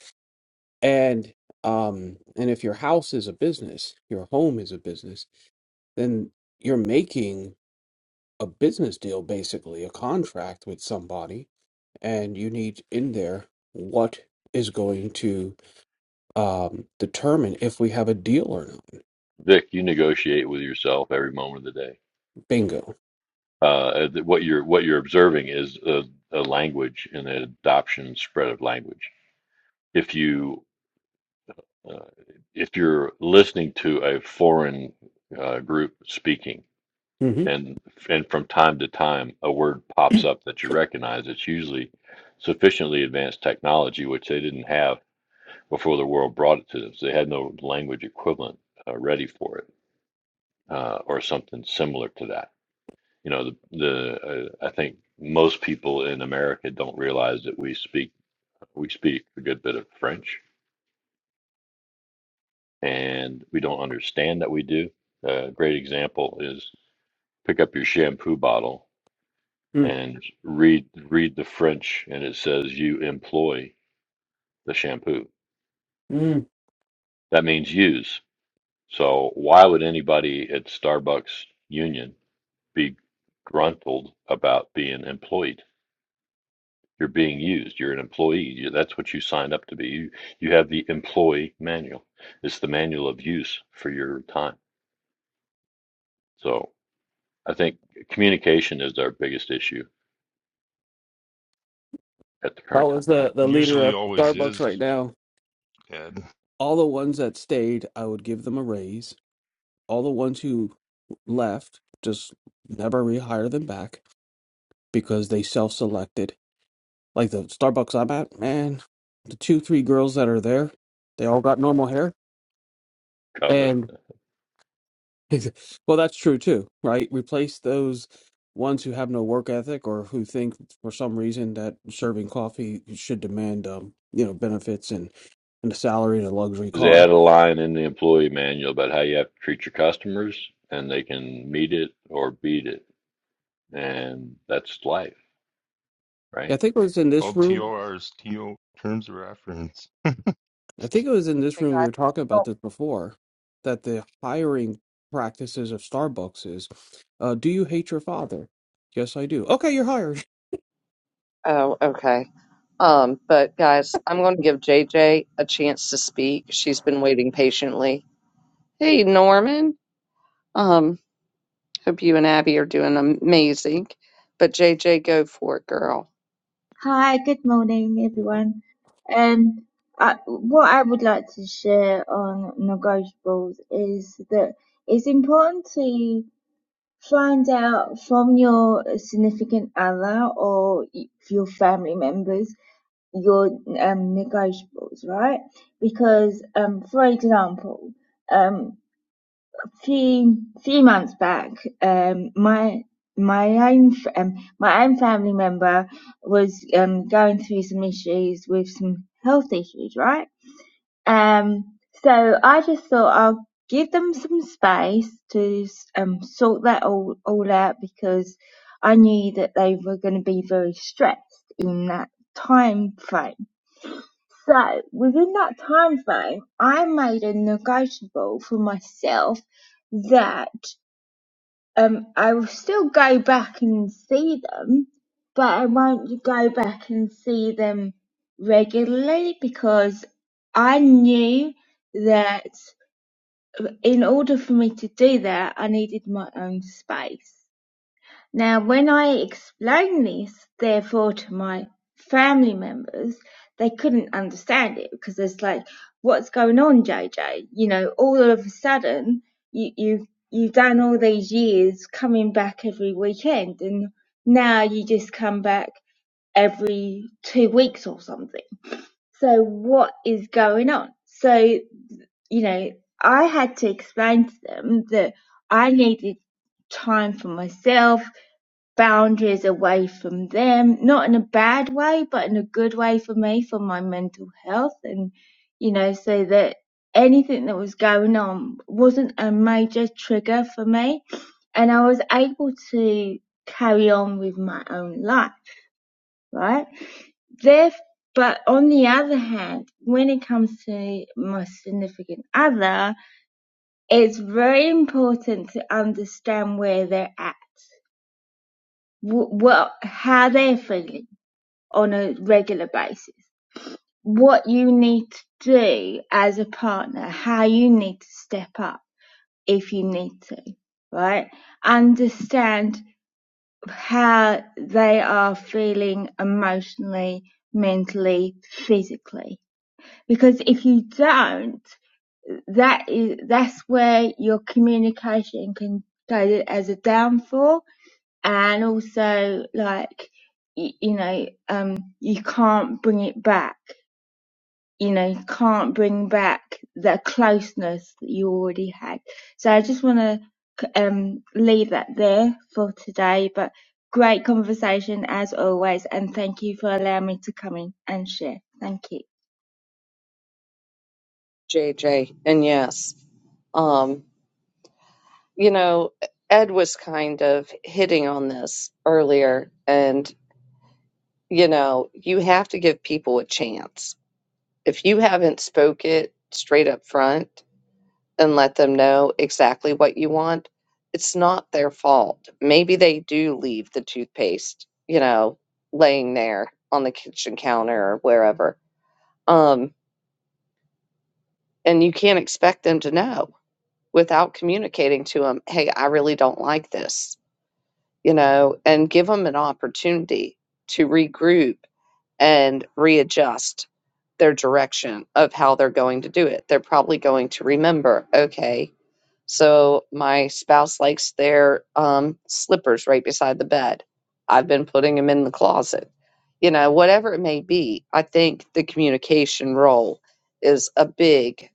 Speaker 3: And um, and if your house is a business, your home is a business, then you're making a business deal, basically, a contract with somebody, and you need in there what is going to um, determine if we have a deal or not.
Speaker 5: Vic, you negotiate with yourself every moment of the day.
Speaker 3: Bingo.
Speaker 5: Uh, that what you're what you're observing is a, a language and the adoption and spread of language. If you uh, if you're listening to a foreign uh, group speaking,
Speaker 3: hmm
Speaker 5: and and from time to time a word pops up that you recognize, it's usually sufficiently advanced technology, which they didn't have before the world brought it to them. So they had no language equivalent uh, ready for it uh, or something similar to that. You know, the, the uh, I think most people in America don't realize that we speak we speak a good bit of French, and we don't understand that we do. A great example is pick up your shampoo bottle and read read the French, and it says you employ the shampoo.
Speaker 3: mm
Speaker 5: That means use. So why would anybody at Starbucks Union begruntled about being employed. You're being used. You're an employee. that's what you signed up to be. You, you have the employee manual. It's the manual of use for your time. So I think communication is our biggest issue at the
Speaker 3: That
Speaker 5: current
Speaker 3: was
Speaker 5: time.
Speaker 3: the, the leader
Speaker 2: Usually
Speaker 3: of
Speaker 2: always
Speaker 3: Starbucks right
Speaker 2: is,
Speaker 3: now.
Speaker 2: Ed.
Speaker 3: All the ones that stayed, I would give them a raise. All the ones who left, just never rehire them back because they self selected. Like the Starbucks I'm at, man, the two, three girls that are there, they all got normal hair.
Speaker 5: Covet.
Speaker 3: And Well, that's true too, right? Replace those ones who have no work ethic or who think for some reason that serving coffee should demand, um, you know, benefits and and a salary and a luxury
Speaker 5: They add
Speaker 3: car.
Speaker 5: a line in the employee manual about how you have to treat your customers and they can meet it or beat it. And that's life,
Speaker 3: Yeah,
Speaker 5: right?
Speaker 3: I think it was in this
Speaker 2: called
Speaker 3: room.
Speaker 2: TORs, TO terms of reference.
Speaker 3: I think it was in this room we
Speaker 1: guys
Speaker 3: were talking about this before, that the hiring practices of Starbucks is, uh, do you hate your father? Yes, I do. Okay, you're hired.
Speaker 1: oh okay um but guys i'm going to give jj a chance to speak she's been waiting patiently hey norman um Hope you and Abby are doing amazing. But JJ, go for it, girl.
Speaker 6: Hi, good morning, everyone. Um, I, what I would like to share on negotiables is that it's important to find out from your significant other or your family members your um, negotiables, right? Because, um, for example, um, three three months back, um, my my own um, my own family member was um, going through some issues with some health issues, right? Um, so I just thought I'll give them some space to um, sort that all all out because I knew that they were going to be very stressed in that time frame. So within that time frame, I made a negotiable for myself that um, I will still go back and see them, but I won't go back and see them regularly because I knew that in order for me to do that, I needed my own space. Now when I explained this, therefore, to my family members, they couldn't understand it because it's like, what's going on, JJ? You know, all of a sudden, you, you, you've done all these years coming back every weekend and now you just come back every two weeks or something. So what is going on? So, you know, I had to explain to them that I needed time for myself boundaries away from them, not in a bad way, but in a good way for me, for my mental health. And, you know, so that anything that was going on wasn't a major trigger for me. And I was able to carry on with my own life, right? There, but on the other hand, when it comes to my significant other, it's very important to understand where they're at, what, how they're feeling on a regular basis. What you need to do as a partner, how you need to step up if you need to, right? Understand how they are feeling emotionally, mentally, physically. Because if you don't, that is, that's where your communication can go as a downfall and also like, you know, um, you can't bring it back you know, you can't bring back the closeness that you already had. So I just want to um, leave that there for today, but great conversation as always. And thank you for allowing me to come in and share. Thank you.
Speaker 1: JJ, and yes, um, you know, Ed was kind of hitting on this earlier, and you know, you have to give people a chance. If you haven't spoke it straight up front and let them know exactly what you want, it's not their fault. Maybe they do leave the toothpaste, you know, laying there on the kitchen counter or wherever. Um, and you can't expect them to know without communicating to them, hey, I really don't like this, you know, and give them an opportunity to regroup and readjust their direction of how they're going to do it. They're probably going to remember, okay, so my spouse likes their um, slippers right beside the bed. I've been putting them in the closet. You know, whatever it may be, I think the communication role is a big,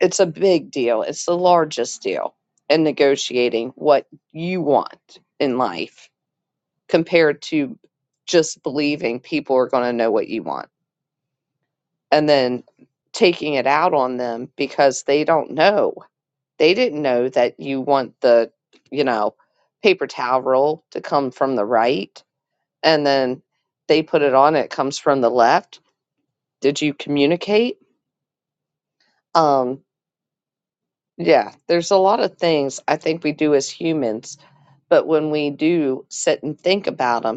Speaker 1: it's a big deal. It's the largest deal in negotiating what you want in life compared to just believing people are going to know what you want and then taking it out on them because they don't know. They didn't know that you want the, you know, paper towel roll to come from the right and then they put it on, it comes from the left. Did you communicate? Um, yeah, there's a lot of things I think we do as humans, but when we do sit and think about them.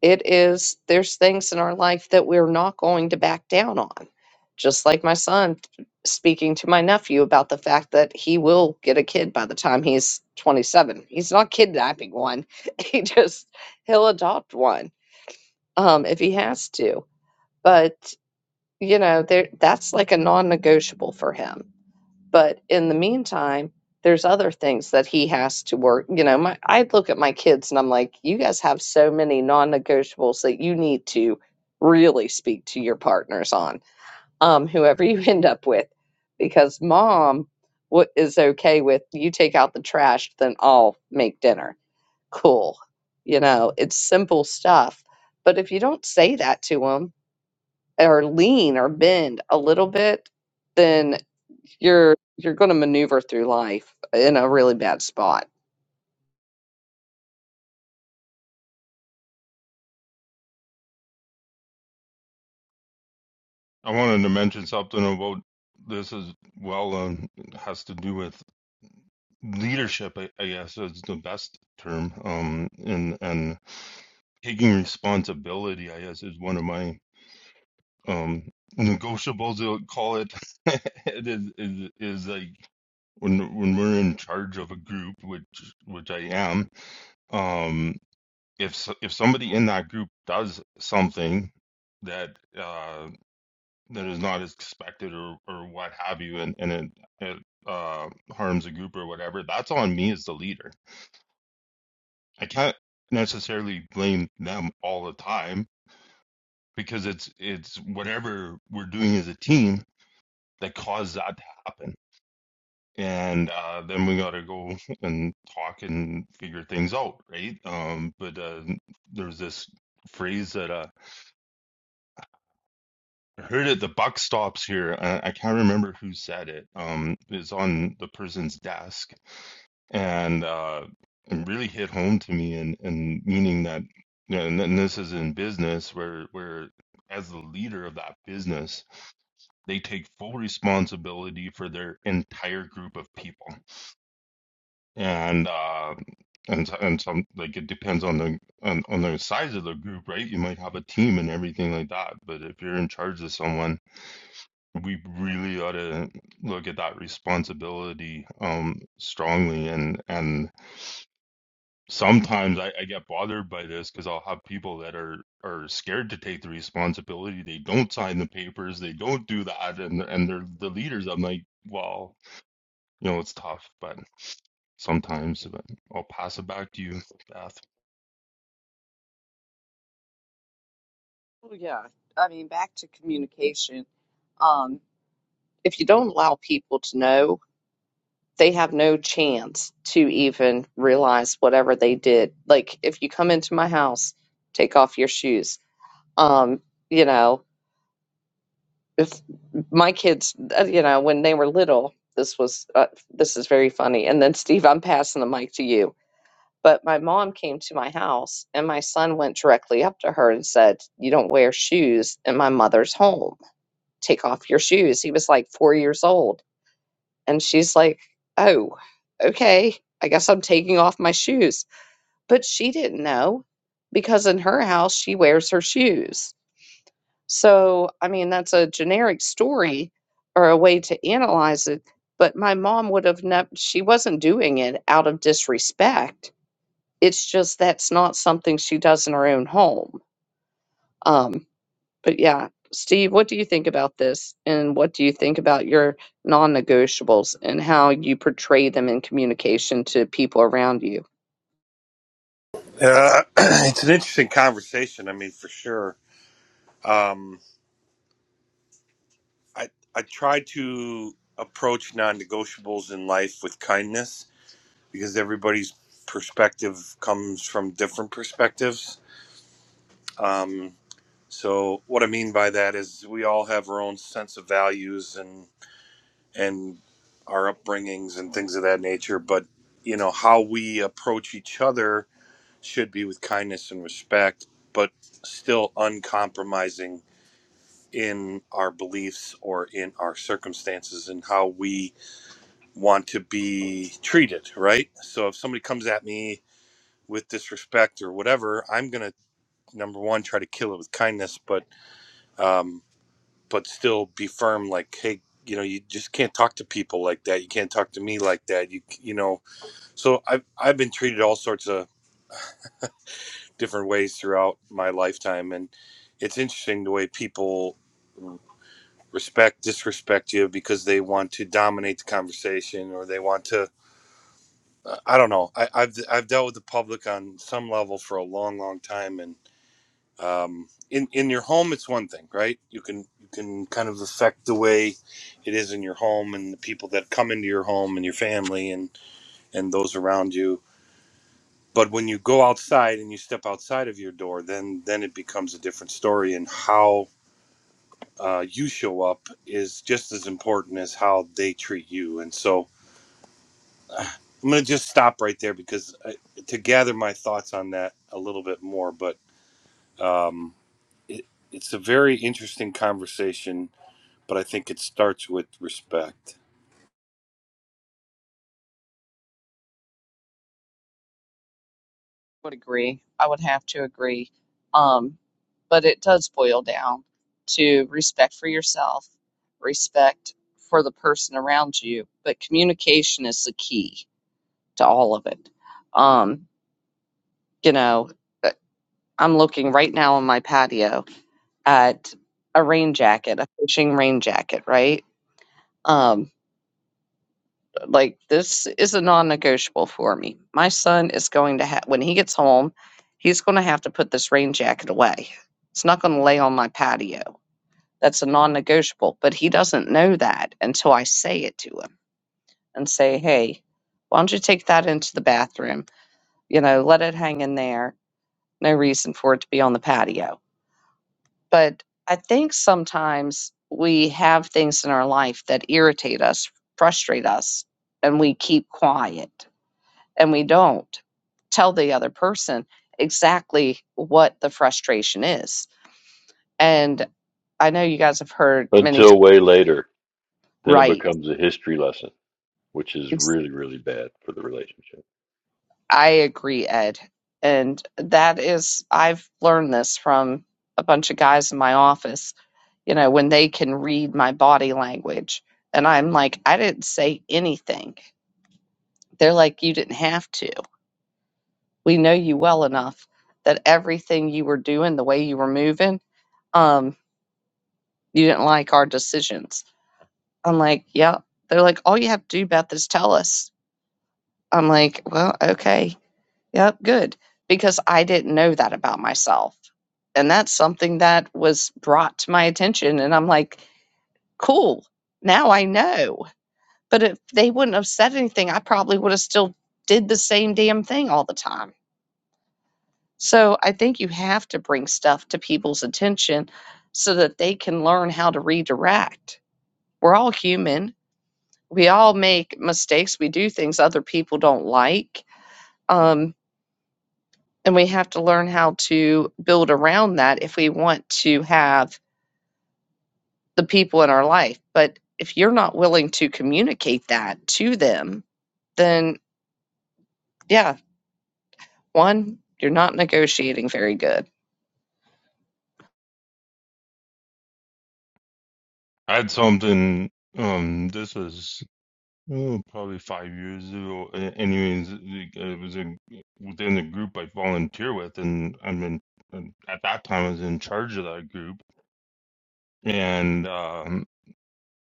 Speaker 1: It is, there's things in our life that we're not going to back down on. Just like my son speaking to my nephew about the fact that he will get a kid by the time he's 27. He's not kidnapping one, he just, he'll adopt one um, if he has to. But, you know, there that's like a non negotiable for him but in the meantime, there's other things that he has to work. You know, my I look at my kids and I'm like, you guys have so many non-negotiables that you need to really speak to your partners on, um, whoever you end up with, because mom what is okay with you take out the trash, then I'll make dinner. Cool. You know, it's simple stuff. But if you don't say that to them, or lean or bend a little bit, then you're you're going to maneuver through life in a really bad spot.
Speaker 2: I wanted to mention something about this as well. Um, it has to do with leadership. I, I guess is the best term. Um, and and taking responsibility. I guess is one of my um negotiables. I'll call it. it is is is like when when we're in charge of a group, which which I am. Um, if s- if somebody in that group does something that uh. that is not as expected or or what have you and and it, it uh harms a group or whatever that's on me as the leader i can't necessarily blame them all the time because it's it's whatever we're doing as a team that caused that to happen and uh then we got to go and talk and figure things out right um but uh there's this phrase that uh I heard it the buck stops here I, I can't remember who said it um it's on the person's desk and uh, it really hit home to me, and and meaning that you know, and, and this is in business where where as the leader of that business, they take full responsibility for their entire group of people, and uh, and so- and some like it depends on the on, on the size of the group, right? You might have a team and everything like that, but if you're in charge of someone, we really ought to look at that responsibility um strongly and and sometimes I, I get bothered by this because I'll have people that are are scared to take the responsibility. They don't sign the papers. They don't do that, and and they're the leaders. I'm like, well, you know, it's tough, but sometimes. But I'll pass it back to you, Beth.
Speaker 1: Well, yeah, I mean back to communication. Um, if you don't allow people to know, they have no chance to even realize whatever they did. Like if you come into my house, take off your shoes. Um, you know, if my kids, uh, you know, when they were little, this was uh, this is very funny. And then Steve, I'm passing the mic to you But my mom came to my house and my son went directly up to her and said, You don't wear shoes in my mother's home. Take off your shoes. He was like four years old. And she's like, Oh, okay. I guess I'm taking off my shoes. But she didn't know because in her house, she wears her shoes. So, I mean, that's a generic story or a way to analyze it. But my mom would have never, she wasn't doing it out of disrespect it's just that's not something she does in her own home. Um, but yeah, Steve, what do you think about this? And what do you think about your non negotiables and how you portray them in communication to people around you?
Speaker 7: Uh, it's an interesting conversation. I mean, for sure. Um, I I try to approach non-negotiables in life with kindness because everybody's perspective comes from different perspectives. Um, so what I mean by that is we all have our own sense of values and and our upbringings and things of that nature. But you know how we approach each other should be with kindness and respect, but still uncompromising in our beliefs or in our circumstances and how we want to be treated, right? So if somebody comes at me with disrespect or whatever, I'm going to number one try to kill it with kindness, but um but still be firm like hey, you know, you just can't talk to people like that. You can't talk to me like that. You you know. So I have I've been treated all sorts of different ways throughout my lifetime and it's interesting the way people respect disrespect you because they want to dominate the conversation or they want to uh, i don't know I, I've, I've dealt with the public on some level for a long long time and um, in, in your home it's one thing right you can you can kind of affect the way it is in your home and the people that come into your home and your family and and those around you but when you go outside and you step outside of your door then then it becomes a different story and how uh, you show up is just as important as how they treat you. And so uh, I'm going to just stop right there because I, to gather my thoughts on that a little bit more. But um, it, it's a very interesting conversation, but I think it starts with respect.
Speaker 1: would agree. I would have to agree. Um, but it does boil down to respect for yourself, respect for the person around you, but communication is the key to all of it. Um, you know, I'm looking right now on my patio at a rain jacket, a fishing rain jacket, right? Um, like this is a non-negotiable for me. My son is going to have when he gets home, he's going to have to put this rain jacket away. It's not going to lay on my patio. That's a non-negotiable, but he doesn't know that until I say it to him and say, "Hey, why don't you take that into the bathroom? You know, let it hang in there. No reason for it to be on the patio." but I think sometimes we have things in our life that irritate us, frustrate us, and we keep quiet and we don't tell the other person exactly what the frustration is. And I know you guys have heard many times,
Speaker 5: Until way later, then it
Speaker 1: right?
Speaker 5: becomes a history lesson. which is
Speaker 1: Ex-
Speaker 5: really, really bad for the relationship.
Speaker 1: I agree, Ed. And that is, I've learned this from a bunch of guys in my office, you know, when they can read my body language. And I'm like, I didn't say anything They're like, you didn't have to. We know you well enough that everything you were doing, the way you were moving, um, you didn't like our decisions. I'm like, yep. They're like, all you have to do about this, tell us. I'm like, well, okay. Yep, good. Because I didn't know that about myself. And that's something that was brought to my attention. And I'm like, cool. Now I know. But if they wouldn't have said anything, I probably would have still did the same damn thing all the time So I think you have to bring stuff to people's attention so that they can learn how to redirect. We're all human. We all make mistakes. We do things other people don't like. Um, and we have to learn how to build around that if we want to have the people in our life. But if you're not willing to communicate that to them, then yeah, One, you're not negotiating very good.
Speaker 2: I had something. Um, this was oh, probably five years ago. A- Anyways, it it was a, within the group I volunteer with, and I'm in. and At that time, I was in charge of that group, and um,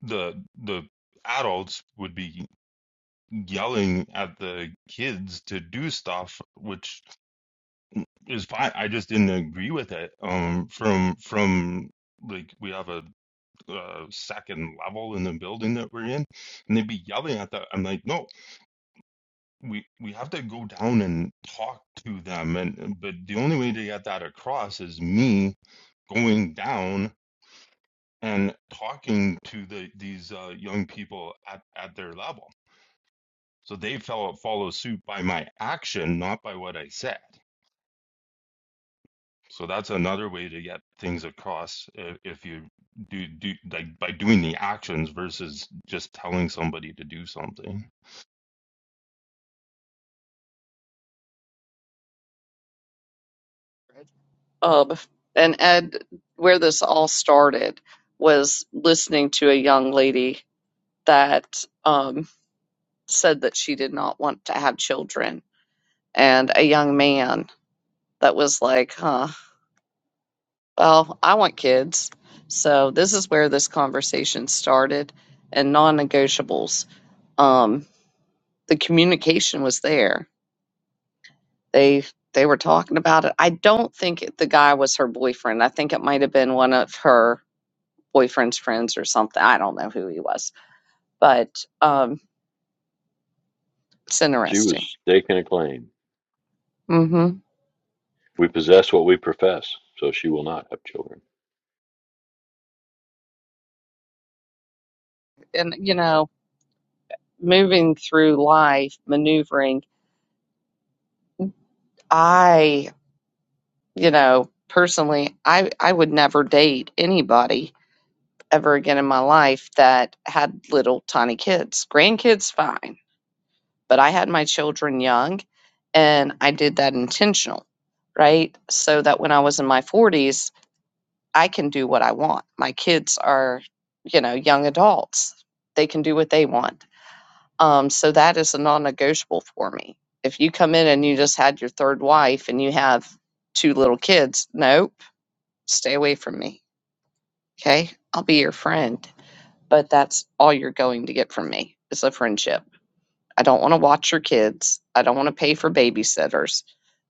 Speaker 2: the the adults would be yelling at the kids to do stuff which is fine i just didn't agree with it um from from like we have a, uh second level in the building that we're in and they'd be yelling at that i'm like no we we have to go down and talk to them and but the only way to get that across is me going down and talking to the these uh, young people at, at their level So they follow, follow suit by my action, not by what I said. So that's another way to get things across if, if you do do like by doing the actions versus just telling somebody to do something.
Speaker 1: Um, and Ed, where this all started was listening to a young lady that um. said that she did not want to have children, and a young man that was like, huh, well, I want kids. So this is where this conversation started and non-negotiables. Um, the communication was there. They they were talking about it. I don't think it- the guy was her boyfriend. I think it might have been one of her boyfriend's friends or something. I don't know who he was, but um, it's
Speaker 5: She
Speaker 1: interesting.
Speaker 5: was staking a claim.
Speaker 1: hmm
Speaker 5: We possess what we profess, so she will not have children.
Speaker 1: And you know, moving through life, maneuvering I, you know, personally, I I would never date anybody ever again in my life that had little tiny kids. Grandkids fine, but I had my children young and I did that intentional, right? So that when I was in my 40s, I can do what I want. My kids are, you know, young adults. They can do what they want. Um so that is a non-negotiable for me. If you come in and you just had your third wife and you have two little kids, no, stay away from me. Okay. I'll be your friend, but that's all you're going to get from me is a friendship. I don't want to watch your kids. I don't want to pay for babysitters.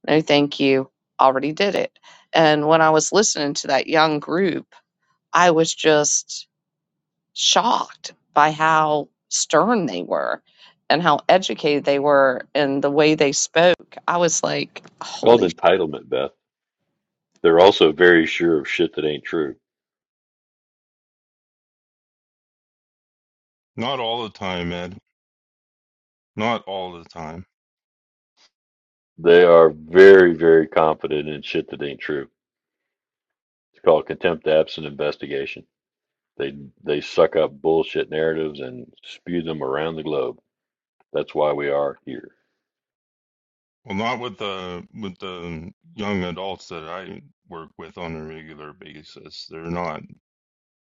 Speaker 1: No, thank you. Already did it. And when I was listening to that young group, I was just shocked by how stern they were and how educated they were and the way they spoke. I was like,
Speaker 5: It's called
Speaker 1: holy, sh-
Speaker 5: entitlement, Beth. They're also very sure of shit that ain't true.
Speaker 2: Not all the time, Ed. Not all the time.
Speaker 5: They are very, very confident in shit that ain't true. It's called contempt, absent investigation. They they suck up bullshit narratives and spew them around the globe. That's why we are here.
Speaker 2: Well, not with the with the young adults that I work with on a regular basis. They're not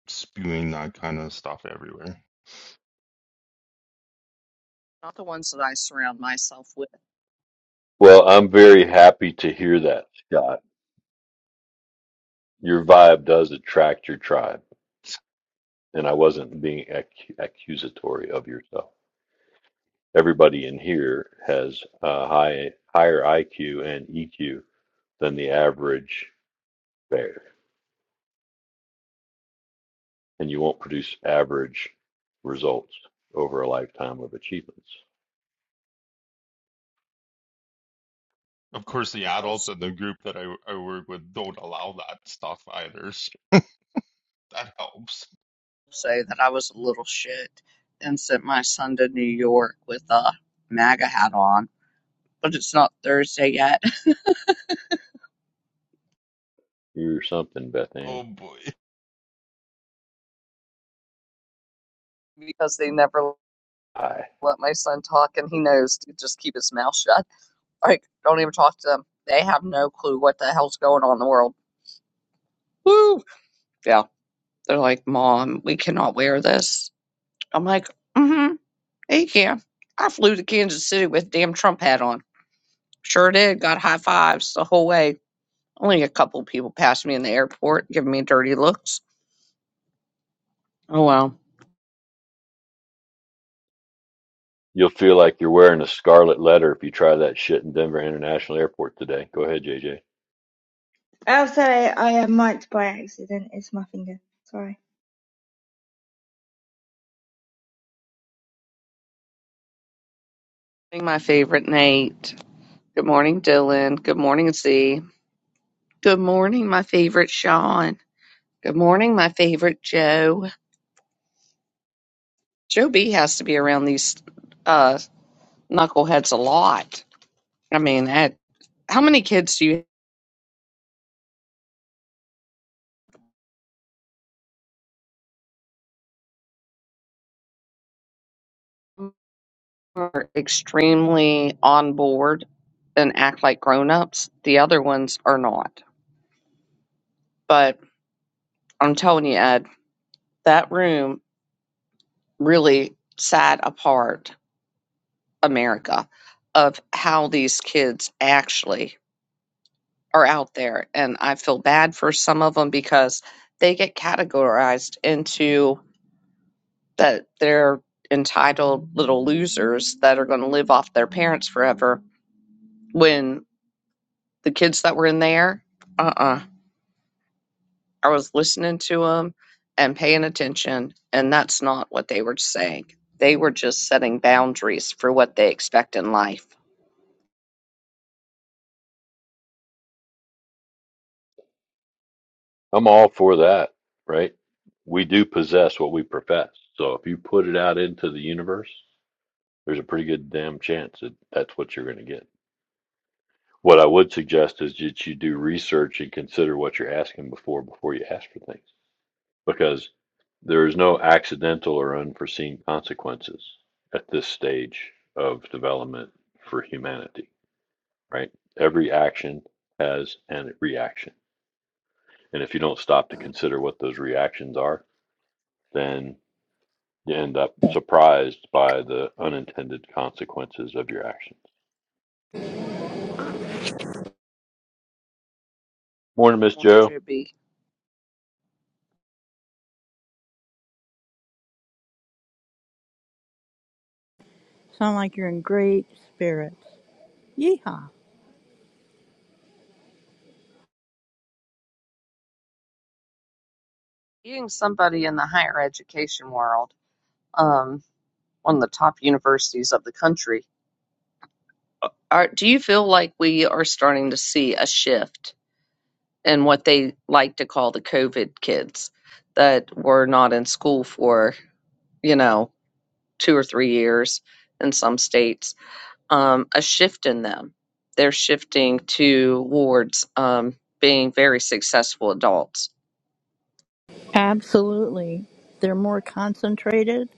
Speaker 2: spewing that kind of stuff everywhere.
Speaker 1: not the ones that I surround myself with
Speaker 5: Well, I'm very happy to hear that, Scott. Your vibe does attract your tribe and I wasn't being ac- accusatory of yourself. Everybody in here has a high higher IQ and EQ than the average bear, and you won't produce average results over a lifetime of achievements.
Speaker 2: Of course, the
Speaker 1: They'll
Speaker 2: adults in the group that I, I work with don't allow that stuff either. So That helps.
Speaker 1: say that I was a little shit and sent my son to New York with a MAGA hat on. But it's not Thursday yet
Speaker 5: You're something, Beth Ann.
Speaker 2: Oh boy.
Speaker 1: because they never
Speaker 5: Hi.
Speaker 1: let my son talk, and he knows to just keep his mouth shut. Like, don't even talk to them. They have no clue what the hell's going on in the world. Woo! Yeah, they're like, Mom, we cannot wear this. I'm like, mm-hmm, yeah, you can. I flew to Kansas City with a damn Trump hat on. Sure did. Got high fives the whole way Only a couple people passed me in the airport, giving me dirty looks. Oh well.
Speaker 5: You'll feel like you're wearing a scarlet letter if you try that shit in Denver International Airport today. Go ahead, JJ.
Speaker 6: Oh, sorry, I uh, might by accident. It's my finger. Sorry.
Speaker 1: My favorite Nate. Good morning, Dylan. Good morning, Z. Good morning, my favorite Sean. Good morning, my favorite Joe. Joe B has to be around these uh, knuckleheads a lot. I mean, that, how many kids do you have are extremely on board and act like grown-ups? The other ones are not. But I'm telling you, Ed, that room really sat apart America of how these kids actually are out there. And I feel bad for some of them because they get categorized into that they're entitled little losers that are going to live off their parents forever. When the kids that were in there, uh uh I was listening to them and paying attention, and that's not what they were saying. They were just setting boundaries for what they expect in life.
Speaker 5: I'm all for that, right? We do possess what we profess. So if you put it out into the universe, there's a pretty good damn chance that that's what you're going to get. What I would suggest is that you do research and consider what you're asking before before you ask for things because there is no accidental or unforeseen consequences at this stage of development for humanity, right? Every action has a reaction. And if you don't stop to consider what those reactions are, then you end up surprised by the unintended consequences of your actions. Morning, Miss
Speaker 1: Morning,
Speaker 5: Joe.
Speaker 1: JB.
Speaker 8: Sound like you're in great spirits. Yeehaw.
Speaker 1: being somebody in the higher education world, um, one of the top universities of the country, are, do you feel like we are starting to see a shift in what they like to call the COVID kids that were not in school for, you know, two or three years in some states? Um, a shift in them. They're shifting towards um, being very successful adults.
Speaker 8: Absolutely. They're more concentrated.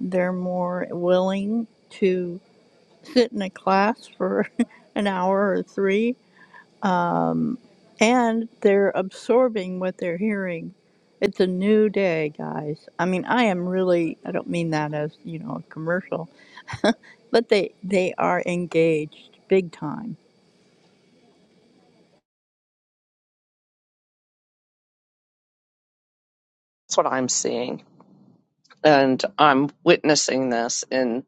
Speaker 8: They're more willing to sit in a class for an hour or three. Um, and they're absorbing what they're hearing. It's a new day, guys. I mean, I am really, I don't mean that as, you know, a commercial, but they, they are engaged big time.
Speaker 1: That's what I'm seeing. and I'm witnessing this in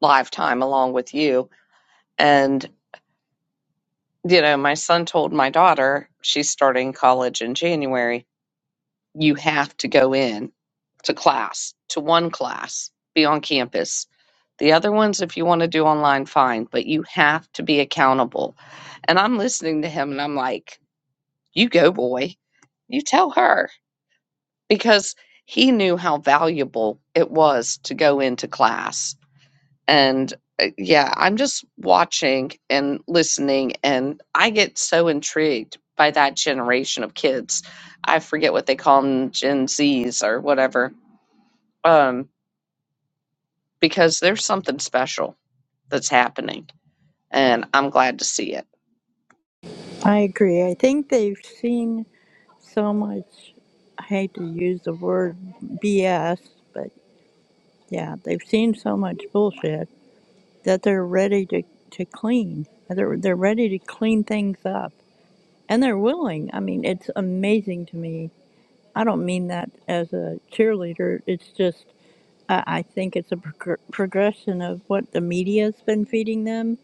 Speaker 1: live time along with you. And, you know, my son told my daughter, she's starting college in January, you have to go in to class, to one class, be on campus. The other ones, if you want to do online, fine, but you have to be accountable. And I'm listening to him and I'm like, you go, boy, you tell her because he knew how valuable it was to go into class And uh, yeah, I'm just watching and listening, and I get so intrigued by that generation of kids. I forget what they call them, Gen Zs or whatever, um, because there's something special that's happening and I'm glad to see it.
Speaker 8: I agree. I think they've seen so much I hate to use the word BS, but yeah, they've seen so much bullshit that they're ready to, to clean. They're they're ready to clean things up. And they're willing. I mean, it's amazing to me. I don't mean that as a cheerleader. It's just I I think it's a prog- progression of what the media's been feeding them,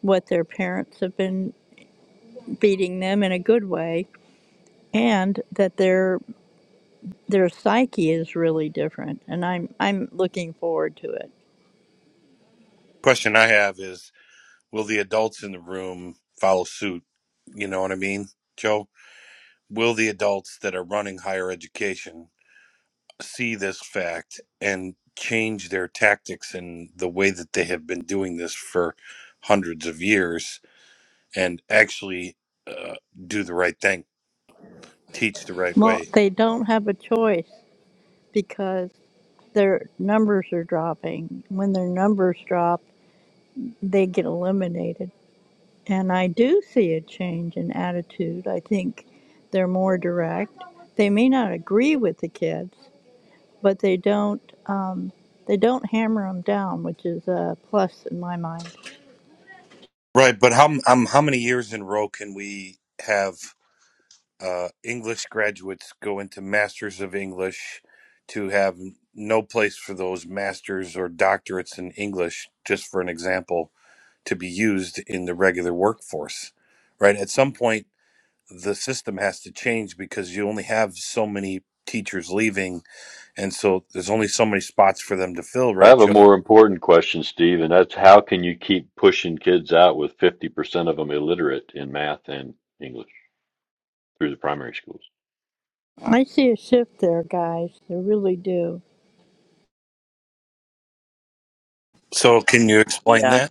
Speaker 8: what their parents have been feeding them in a good way, and that they're their psyche is really different and I'm I'm looking forward to it.
Speaker 7: Question I have is Will the adults in the room follow suit? You know what I mean, Joe? Will the adults that are running higher education see this fact and change their tactics and the way that they have been doing this for hundreds of years and actually uh, do the right thing, teach the right
Speaker 8: Well,
Speaker 7: way.
Speaker 8: they don't have a choice because their numbers are dropping. When their numbers drop, they get eliminated. And I do see a change in attitude. I think they're more direct. They may not agree with the kids, but they don't um, they don't hammer them down, which is a plus in my mind.
Speaker 7: Right, but how um, how many years in a row can we have uh, English graduates go into Masters of English to have no place for those masters or doctorates in English? Just for an example, to be used in the regular workforce, right? At some point, the system has to change because you only have so many teachers leaving, and so there's only so many spots for them to fill,
Speaker 5: I
Speaker 7: right,
Speaker 5: have a
Speaker 7: Joe?
Speaker 5: more important question, Steve, and that's how can you keep pushing kids out with 50% of them illiterate in math and English through the primary schools?
Speaker 8: I see a shift there, guys. I really do.
Speaker 7: So, can you explain that?
Speaker 1: Yeah.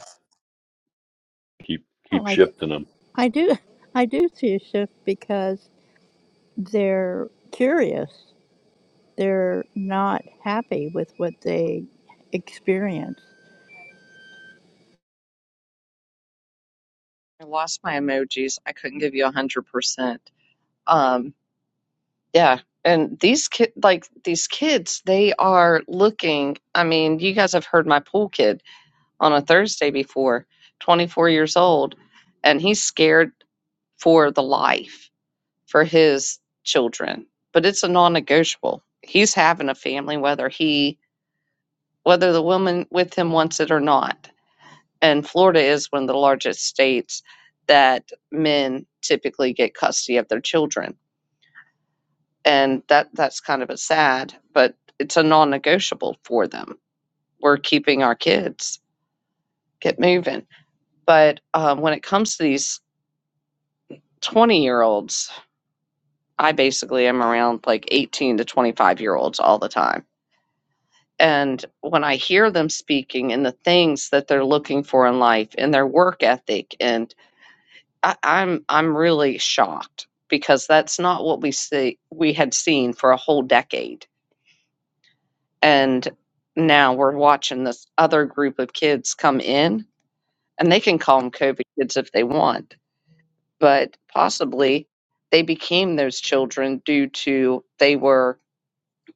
Speaker 5: Keep
Speaker 8: Oh,
Speaker 5: keep
Speaker 8: I.
Speaker 5: shifting them.
Speaker 8: I do I do see a shift because they're curious. They're not happy with what they experience.
Speaker 1: I lost my emojis. I couldn't give you a hundred percent. Um, yeah. And these kid, like these kids, they are looking. I mean, you guys have heard my pool kid. on a Thursday before, 24 years old, and he's scared for the life for his children. But it's a non-negotiable. He's having a family whether he whether the woman with him wants it or not. And Florida is one of the largest states that men typically get custody of their children. And that that's kind of a sad, but it's a non-negotiable for them. We're keeping our kids. Get moving. But um, when it comes to these 20 year olds, I basically am around like 18 to 25 year olds all the time. And when I hear them speaking and the things that they're looking for in life and their work ethic, and I, I'm I'm really shocked because that's not what we see we had seen for a whole decade. And now we're watching this other group of kids come in, and they can call them COVID kids if they want, but possibly they became those children due to they were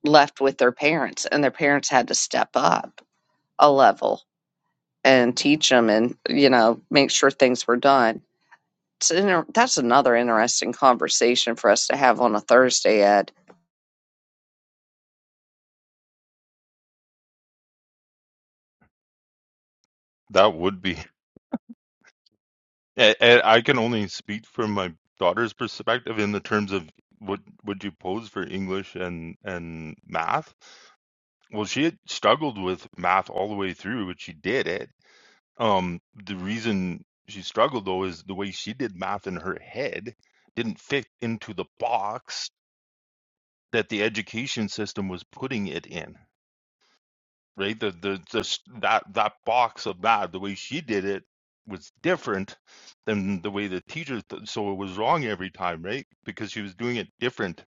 Speaker 1: left with their parents and their parents had to step up a level and teach them and you know make sure things were done it's inter- that's another interesting conversation for us to have on a thursday ed
Speaker 2: That would be. And, and I can only speak from my daughter's perspective in the terms of what would you pose for English and and math? Well, she had struggled with math all the way through, but she did it. Um, the reason she struggled though is the way she did math in her head didn't fit into the box that the education system was putting it in. right? The the just that that box of that the way she did it was different than the way the teacher. Th- so it was wrong every time, right? Because she was doing it different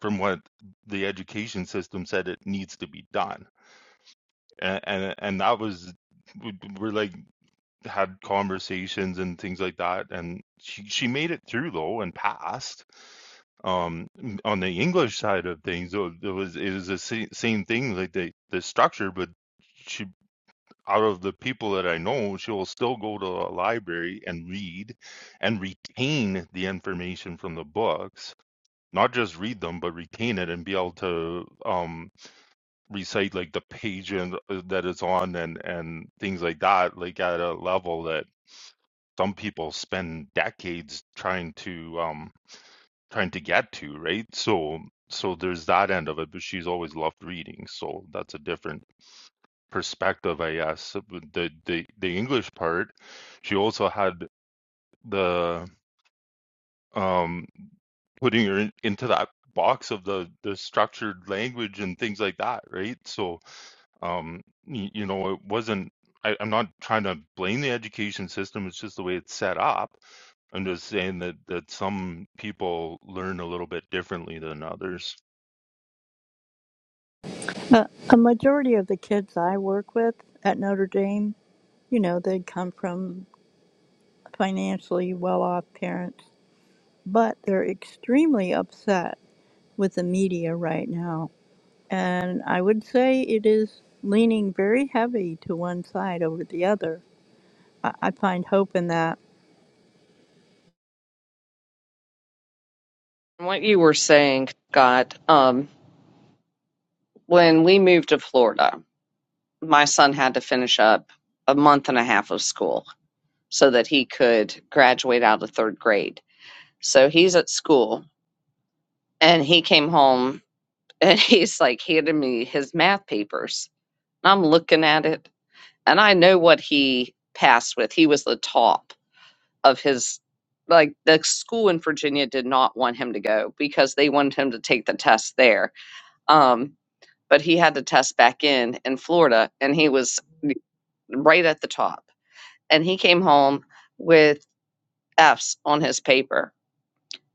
Speaker 2: from what the education system said it needs to be done, and and, and that was we- we're like had conversations and things like that and she she made it through though and passed um on the english side of things though it was it was the sa- same thing like the the structure but she out of the people that I know, she will still go to a library and read and retain the information from the books, not just read them, but retain it and be able to um, recite like the page and uh, that it's on and and things like that, like at a level that some people spend decades trying to um, trying to get to, right? So so there's that end of it, but she's always loved reading, so that's a different perspective, I guess. The the the English part, she also had the um putting her in, into that box of the the structured language and things like that, right? So um y- you know, it wasn't I, I'm not trying to blame the education system, it's just the way it's set up. I'm just saying that that some people learn a little bit differently than others.
Speaker 8: Uh, a majority of the kids I work with at Notre Dame, you know, they come from financially well-off parents, but they're extremely upset with the media right now. And I would say it is leaning very heavy to one side over the other. I, I find hope in that.
Speaker 1: what you were saying scott um, when we moved to florida my son had to finish up a month and a half of school so that he could graduate out of third grade. So he's at school and he came home and he's like handed me his math papers. And I'm looking at it and I know what he passed with. He was the top of his like the school in Virginia did not want him to go because they wanted him to take the test there. Um, but he had to test back in in Florida and he was right at the top and he came home with F's on his paper.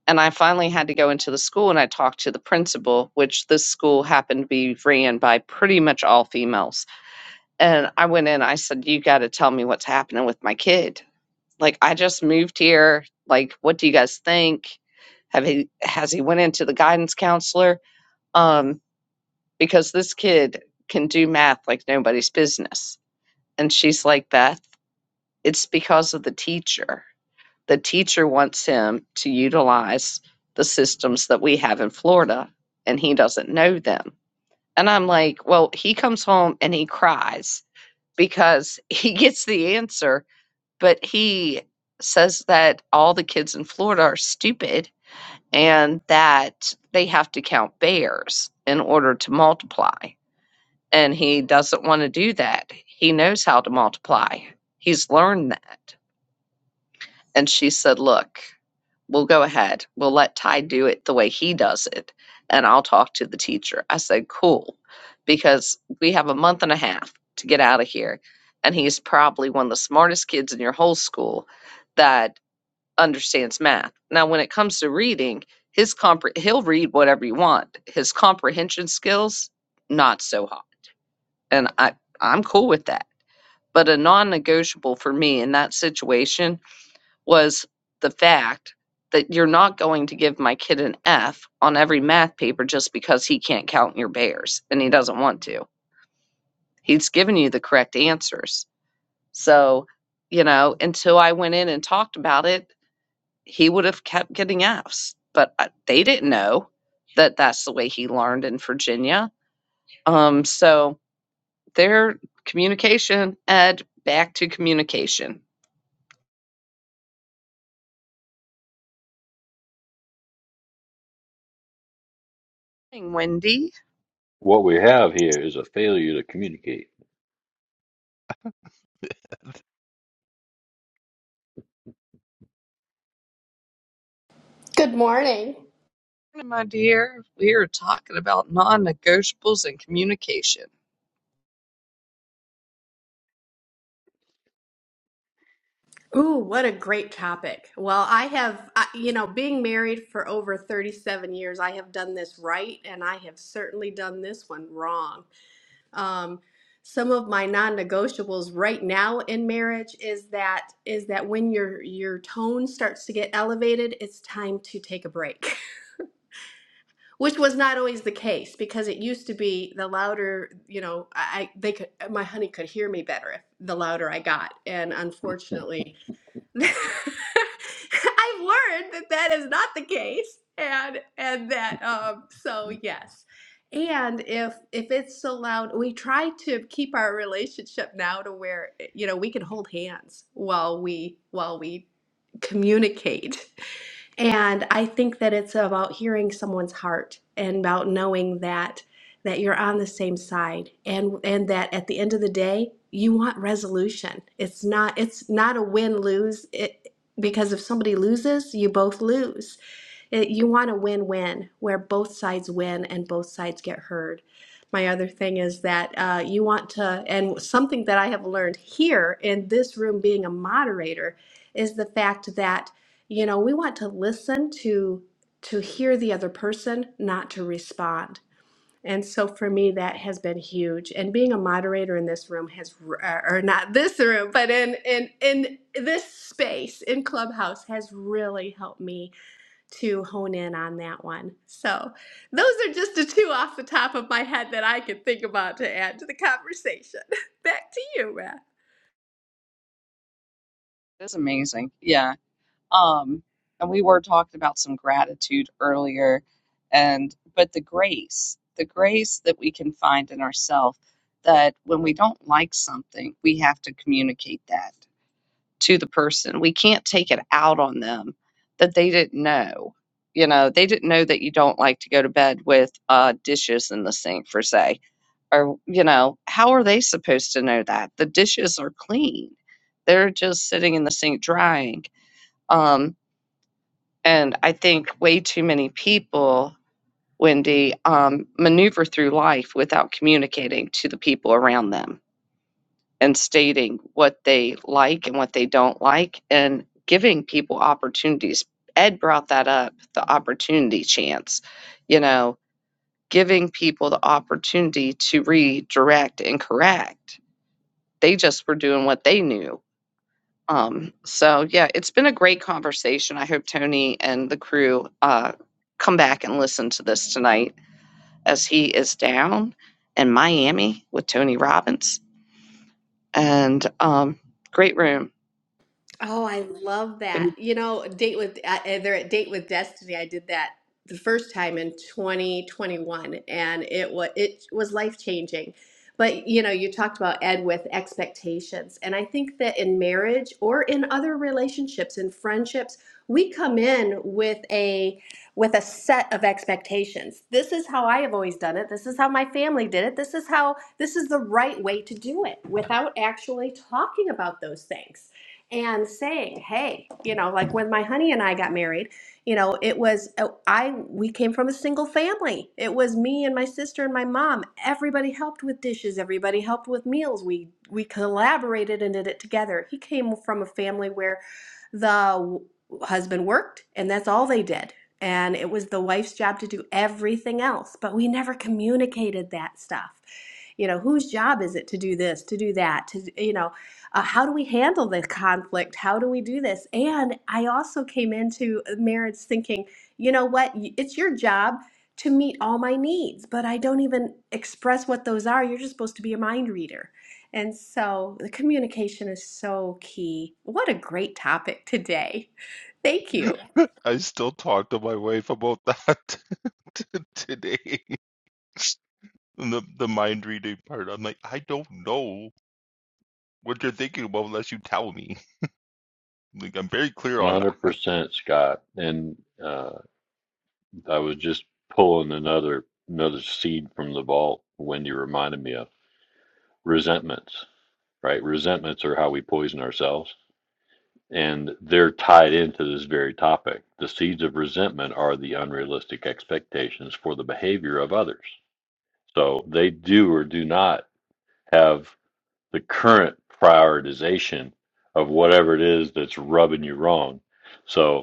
Speaker 1: And I finally had to go into the school and I talked to the principal, which this school happened to be ran by pretty much all females. And I went in, I said, You got to tell me what's happening with my kid. Like, I just moved here. Like, what do you guys think? Have he, has he went into the guidance counselor? Um, because this kid can do math like nobody's business. And she's like, Beth, it's because of the teacher the teacher wants him to utilize the systems that we have in Florida and he doesn't know them. And I'm like, well, he comes home and he cries because he gets the answer, but he says that all the kids in Florida are stupid and that they have to count bears in order to multiply. And he doesn't want to do that. He knows how to multiply, he's learned that. And she said, look, We'll go ahead. We'll let Ty do it the way he does it, and I'll talk to the teacher. I said, Cool, because we have a month and a half to get out of here. And he's probably one of the smartest kids in your whole school that understands math. Now, when it comes to reading, his compre- he'll read whatever you want. His comprehension skills, not so hot. And I, I'm cool with that. But a non negotiable for me in that situation was the fact that you're not going to give my kid an F on every math paper just because he can't count your bears and he doesn't want to. He's given you the correct answers. So, you know, until I went in and talked about it, he would have kept getting Fs, but uh, they didn't know that that's the way he learned in Virginia. Um, so their communication, Ed, back to communication. Morning, Wendy.
Speaker 5: What we have here is a failure to communicate.
Speaker 9: Good morning.
Speaker 1: my dear. We are talking about non-negotiables and communication.
Speaker 9: Ooh, what a great topic. Well, I have, I- you know, being married for over 37 years, I have done this right and I have certainly done this one wrong. Um, some of my non-negotiables right now in marriage is that is that when your your tone starts to get elevated, it's time to take a break. Which was not always the case because it used to be the louder, you know, I I- they could my honey could hear me better if the louder I got. And unfortunately, I've learned that that is not the case, and and that um, so yes, and if if it's allowed, we try to keep our relationship now to where eh, you know we can hold hands while we while we communicate. And I think that it's about hearing someone's heart and about knowing that that you're on the same side and and that at the end of the day you want resolution it's not it's not a win lose it because if somebody loses you both lose it, you want a win win where both sides win and both sides get heard my other thing is that uh, you want to and something that i have learned here in this room being a moderator is the fact that you know we want to listen to to hear the other person not to respond and so for me, that has been huge. And being a moderator in this room has, or not this room, but in in in this space in Clubhouse has really helped me to hone in on that one. So those are just the two off the top of my head that I could think about to add to the conversation. Back to you, Rach.
Speaker 1: That's amazing. Yeah. Um, and we were talking about some gratitude earlier, and but the grace, the grace that we can find in ourselves that when we don't like something, we have to communicate that to the person. We can't take it out on them that they didn't know. You know, they didn't know that you don't like to go to bed with uh, dishes in the sink, for say or you know how are they supposed to know that the dishes are clean they're just sitting in the sink drying um and i think way too many people wendy um maneuver through life without communicating to the people around them and stating what they like and what they don't like and giving people opportunities ed brought that up the opportunity chance you know giving people the opportunity to redirect and correct they just were doing what they knew. Um, so yeah, it's been a great conversation. I hope Tony and the crew uh, come back and listen to this tonight as he is down in Miami with Tony Robbins. And um, great room.
Speaker 9: Oh, I love that.
Speaker 1: Been-
Speaker 9: You know, date with uh, uh, they're at Date with Destiny. I did that the first time in 2021, and it was it was life changing. But you know, you talked about Ed with expectations, and I think that in marriage or in other relationships and friendships, we come in with a with a set of expectations. This is how I have always done it. This is how my family did it. This is how this is the right way to do it without actually talking about those things and saying, "Hey, you know, like when my honey and I got married, you know, it was uh, I we came from a single family. It was me and my sister and my mom. Everybody helped with dishes, everybody helped with meals. We we collaborated and did it together. He came from a family where the husband worked and that's all they did. And it was the wife's job to do everything else, but we never communicated that stuff you know whose job is it to do this to do that to you know uh, how do we handle the conflict? How do we do this? And I also came into marriage thinking, you know what? Y- It's your job to meet all my needs, but I don't even express what those are. You're just supposed to be a mind reader. And so the communication is so key. What a great topic today. Thank you.
Speaker 2: I still talk to my wife about that t- today. And the the mind reading part, I'm like, I don't know what you're thinking about unless you tell me. Like, I'm very clear on that.
Speaker 5: 100% Scott. And uh, I was just pulling another another seed from the vault when you reminded me of resentments, right? Resentments are how we poison ourselves and they're tied into this very topic. The seeds of resentment are the unrealistic expectations for the behavior of others. So they do or do not have the current prioritization of whatever it is that's rubbing you wrong. So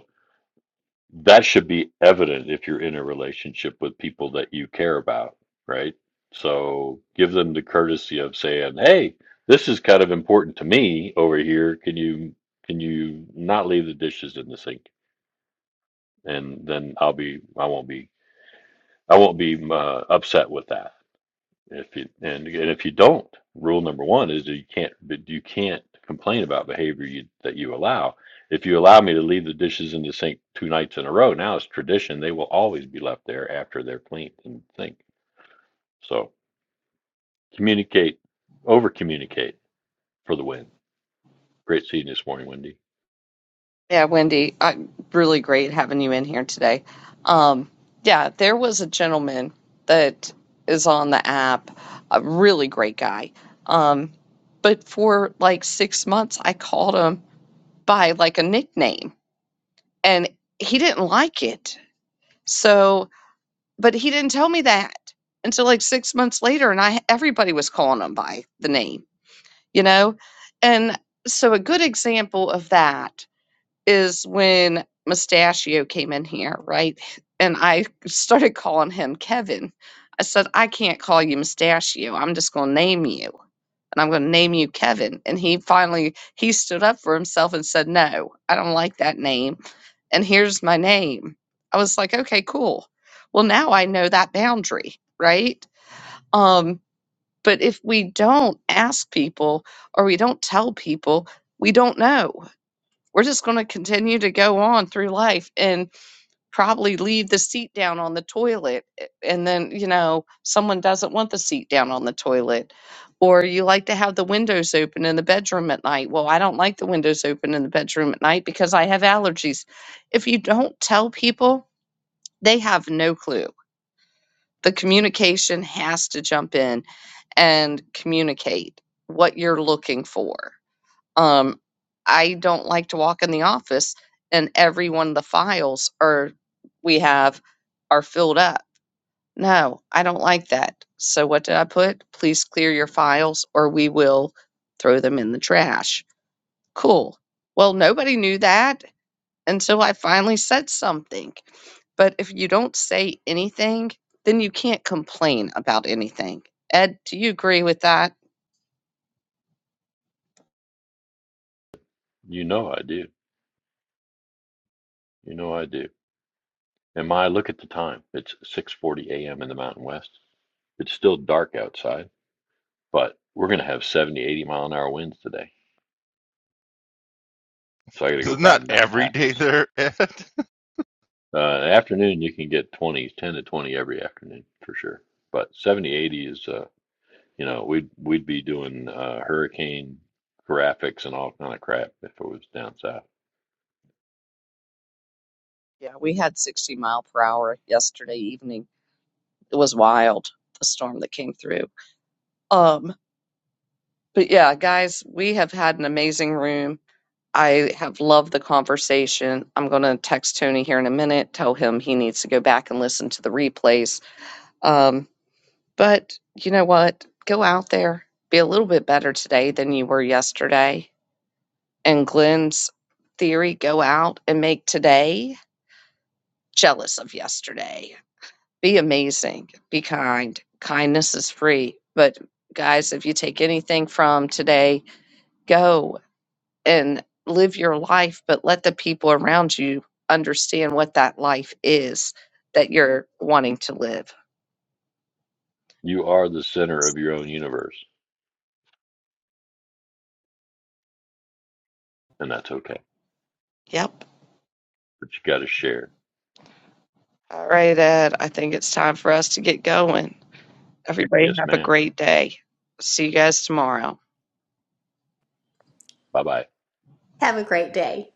Speaker 5: that should be evident if you're in a relationship with people that you care about, right? So give them the courtesy of saying, "Hey, this is kind of important to me over here. Can you can you not leave the dishes in the sink?" And then I'll be I won't be I won't be uh, upset with that. If you and again, if you don't, rule number one is that you can't you can't complain about behavior you, that you allow. If you allow me to leave the dishes in the sink two nights in a row, now it's tradition. They will always be left there after they're cleaned in the sink. So communicate, over communicate for the win. Great seeing you this morning, Wendy.
Speaker 1: Yeah, Wendy, I, really great having you in here today. Um, yeah, there was a gentleman that is on the app, a really great guy. Um, but for like six months, I called him by like a nickname and he didn't like it. So, but he didn't tell me that until like six months later. And I, everybody was calling him by the name, you know? And so a good example of that is when Mustachio came in here, right? And I started calling him Kevin. I said, I can't call you Mustachio. I'm just going to name you. And I'm going to name you Kevin. And he finally, he stood up for himself and said, no, I don't like that name. And here's my name. I was like, okay, cool. Well, now I know that boundary, right? Um, but if we don't ask people or we don't tell people, we don't know we're just going to continue to go on through life and probably leave the seat down on the toilet. eh, And then, you know, someone doesn't want the seat down on the toilet. Or you like to have the windows open in the bedroom at night. Well, I don't like the windows open in the bedroom at night because I have allergies. If you don't tell people, they have no clue. The communication has to jump in and communicate what you're looking for um, I don't like to walk in the office and every one of the files are we have are filled up. No, I don't like that. So what did I put? Please clear your files or we will throw them in the trash. Cool. Well, nobody knew that until I finally said something. But if you don't say anything, then you can't complain about anything. Ed, do you agree with that?
Speaker 5: You know I do. You know I do. And my look at the time. It's 6:40 a.m. in the Mountain West. It's still dark outside, but we're going to have 70, 80 mile an hour winds today So I got to go
Speaker 2: It's not
Speaker 5: batten down the
Speaker 2: every day
Speaker 5: hatches.
Speaker 2: they're at.
Speaker 5: Uh, afternoon, you can get 20s, 10 to 20 every afternoon for sure. But 70, 80 is, uh, you know, we'd we'd be doing uh, hurricane graphics and all kind of crap if it was down south.
Speaker 1: Yeah, we had 60 mile per hour yesterday evening it was wild the storm that came through um but yeah guys we have had an amazing room i have loved the conversation i'm going to text tony here in a minute tell him he needs to go back and listen to the replays um but you know what go out there be a little bit better today than you were yesterday and glenn's theory go out and make today jealous of yesterday Be amazing. Be kind. Kindness is free. But guys, if you take anything from today, go and live your life, but let the people around you understand what that life is that you're wanting to live.
Speaker 5: You are the center of your own universe, and that's okay.
Speaker 1: Yep.
Speaker 5: But you got to share.
Speaker 1: All right, Ed. I think it's time for us to get going. Everybody
Speaker 5: Yes,
Speaker 1: have a
Speaker 5: ma'am.
Speaker 1: great day. See you guys tomorrow.
Speaker 5: Bye bye.
Speaker 9: Have a great day.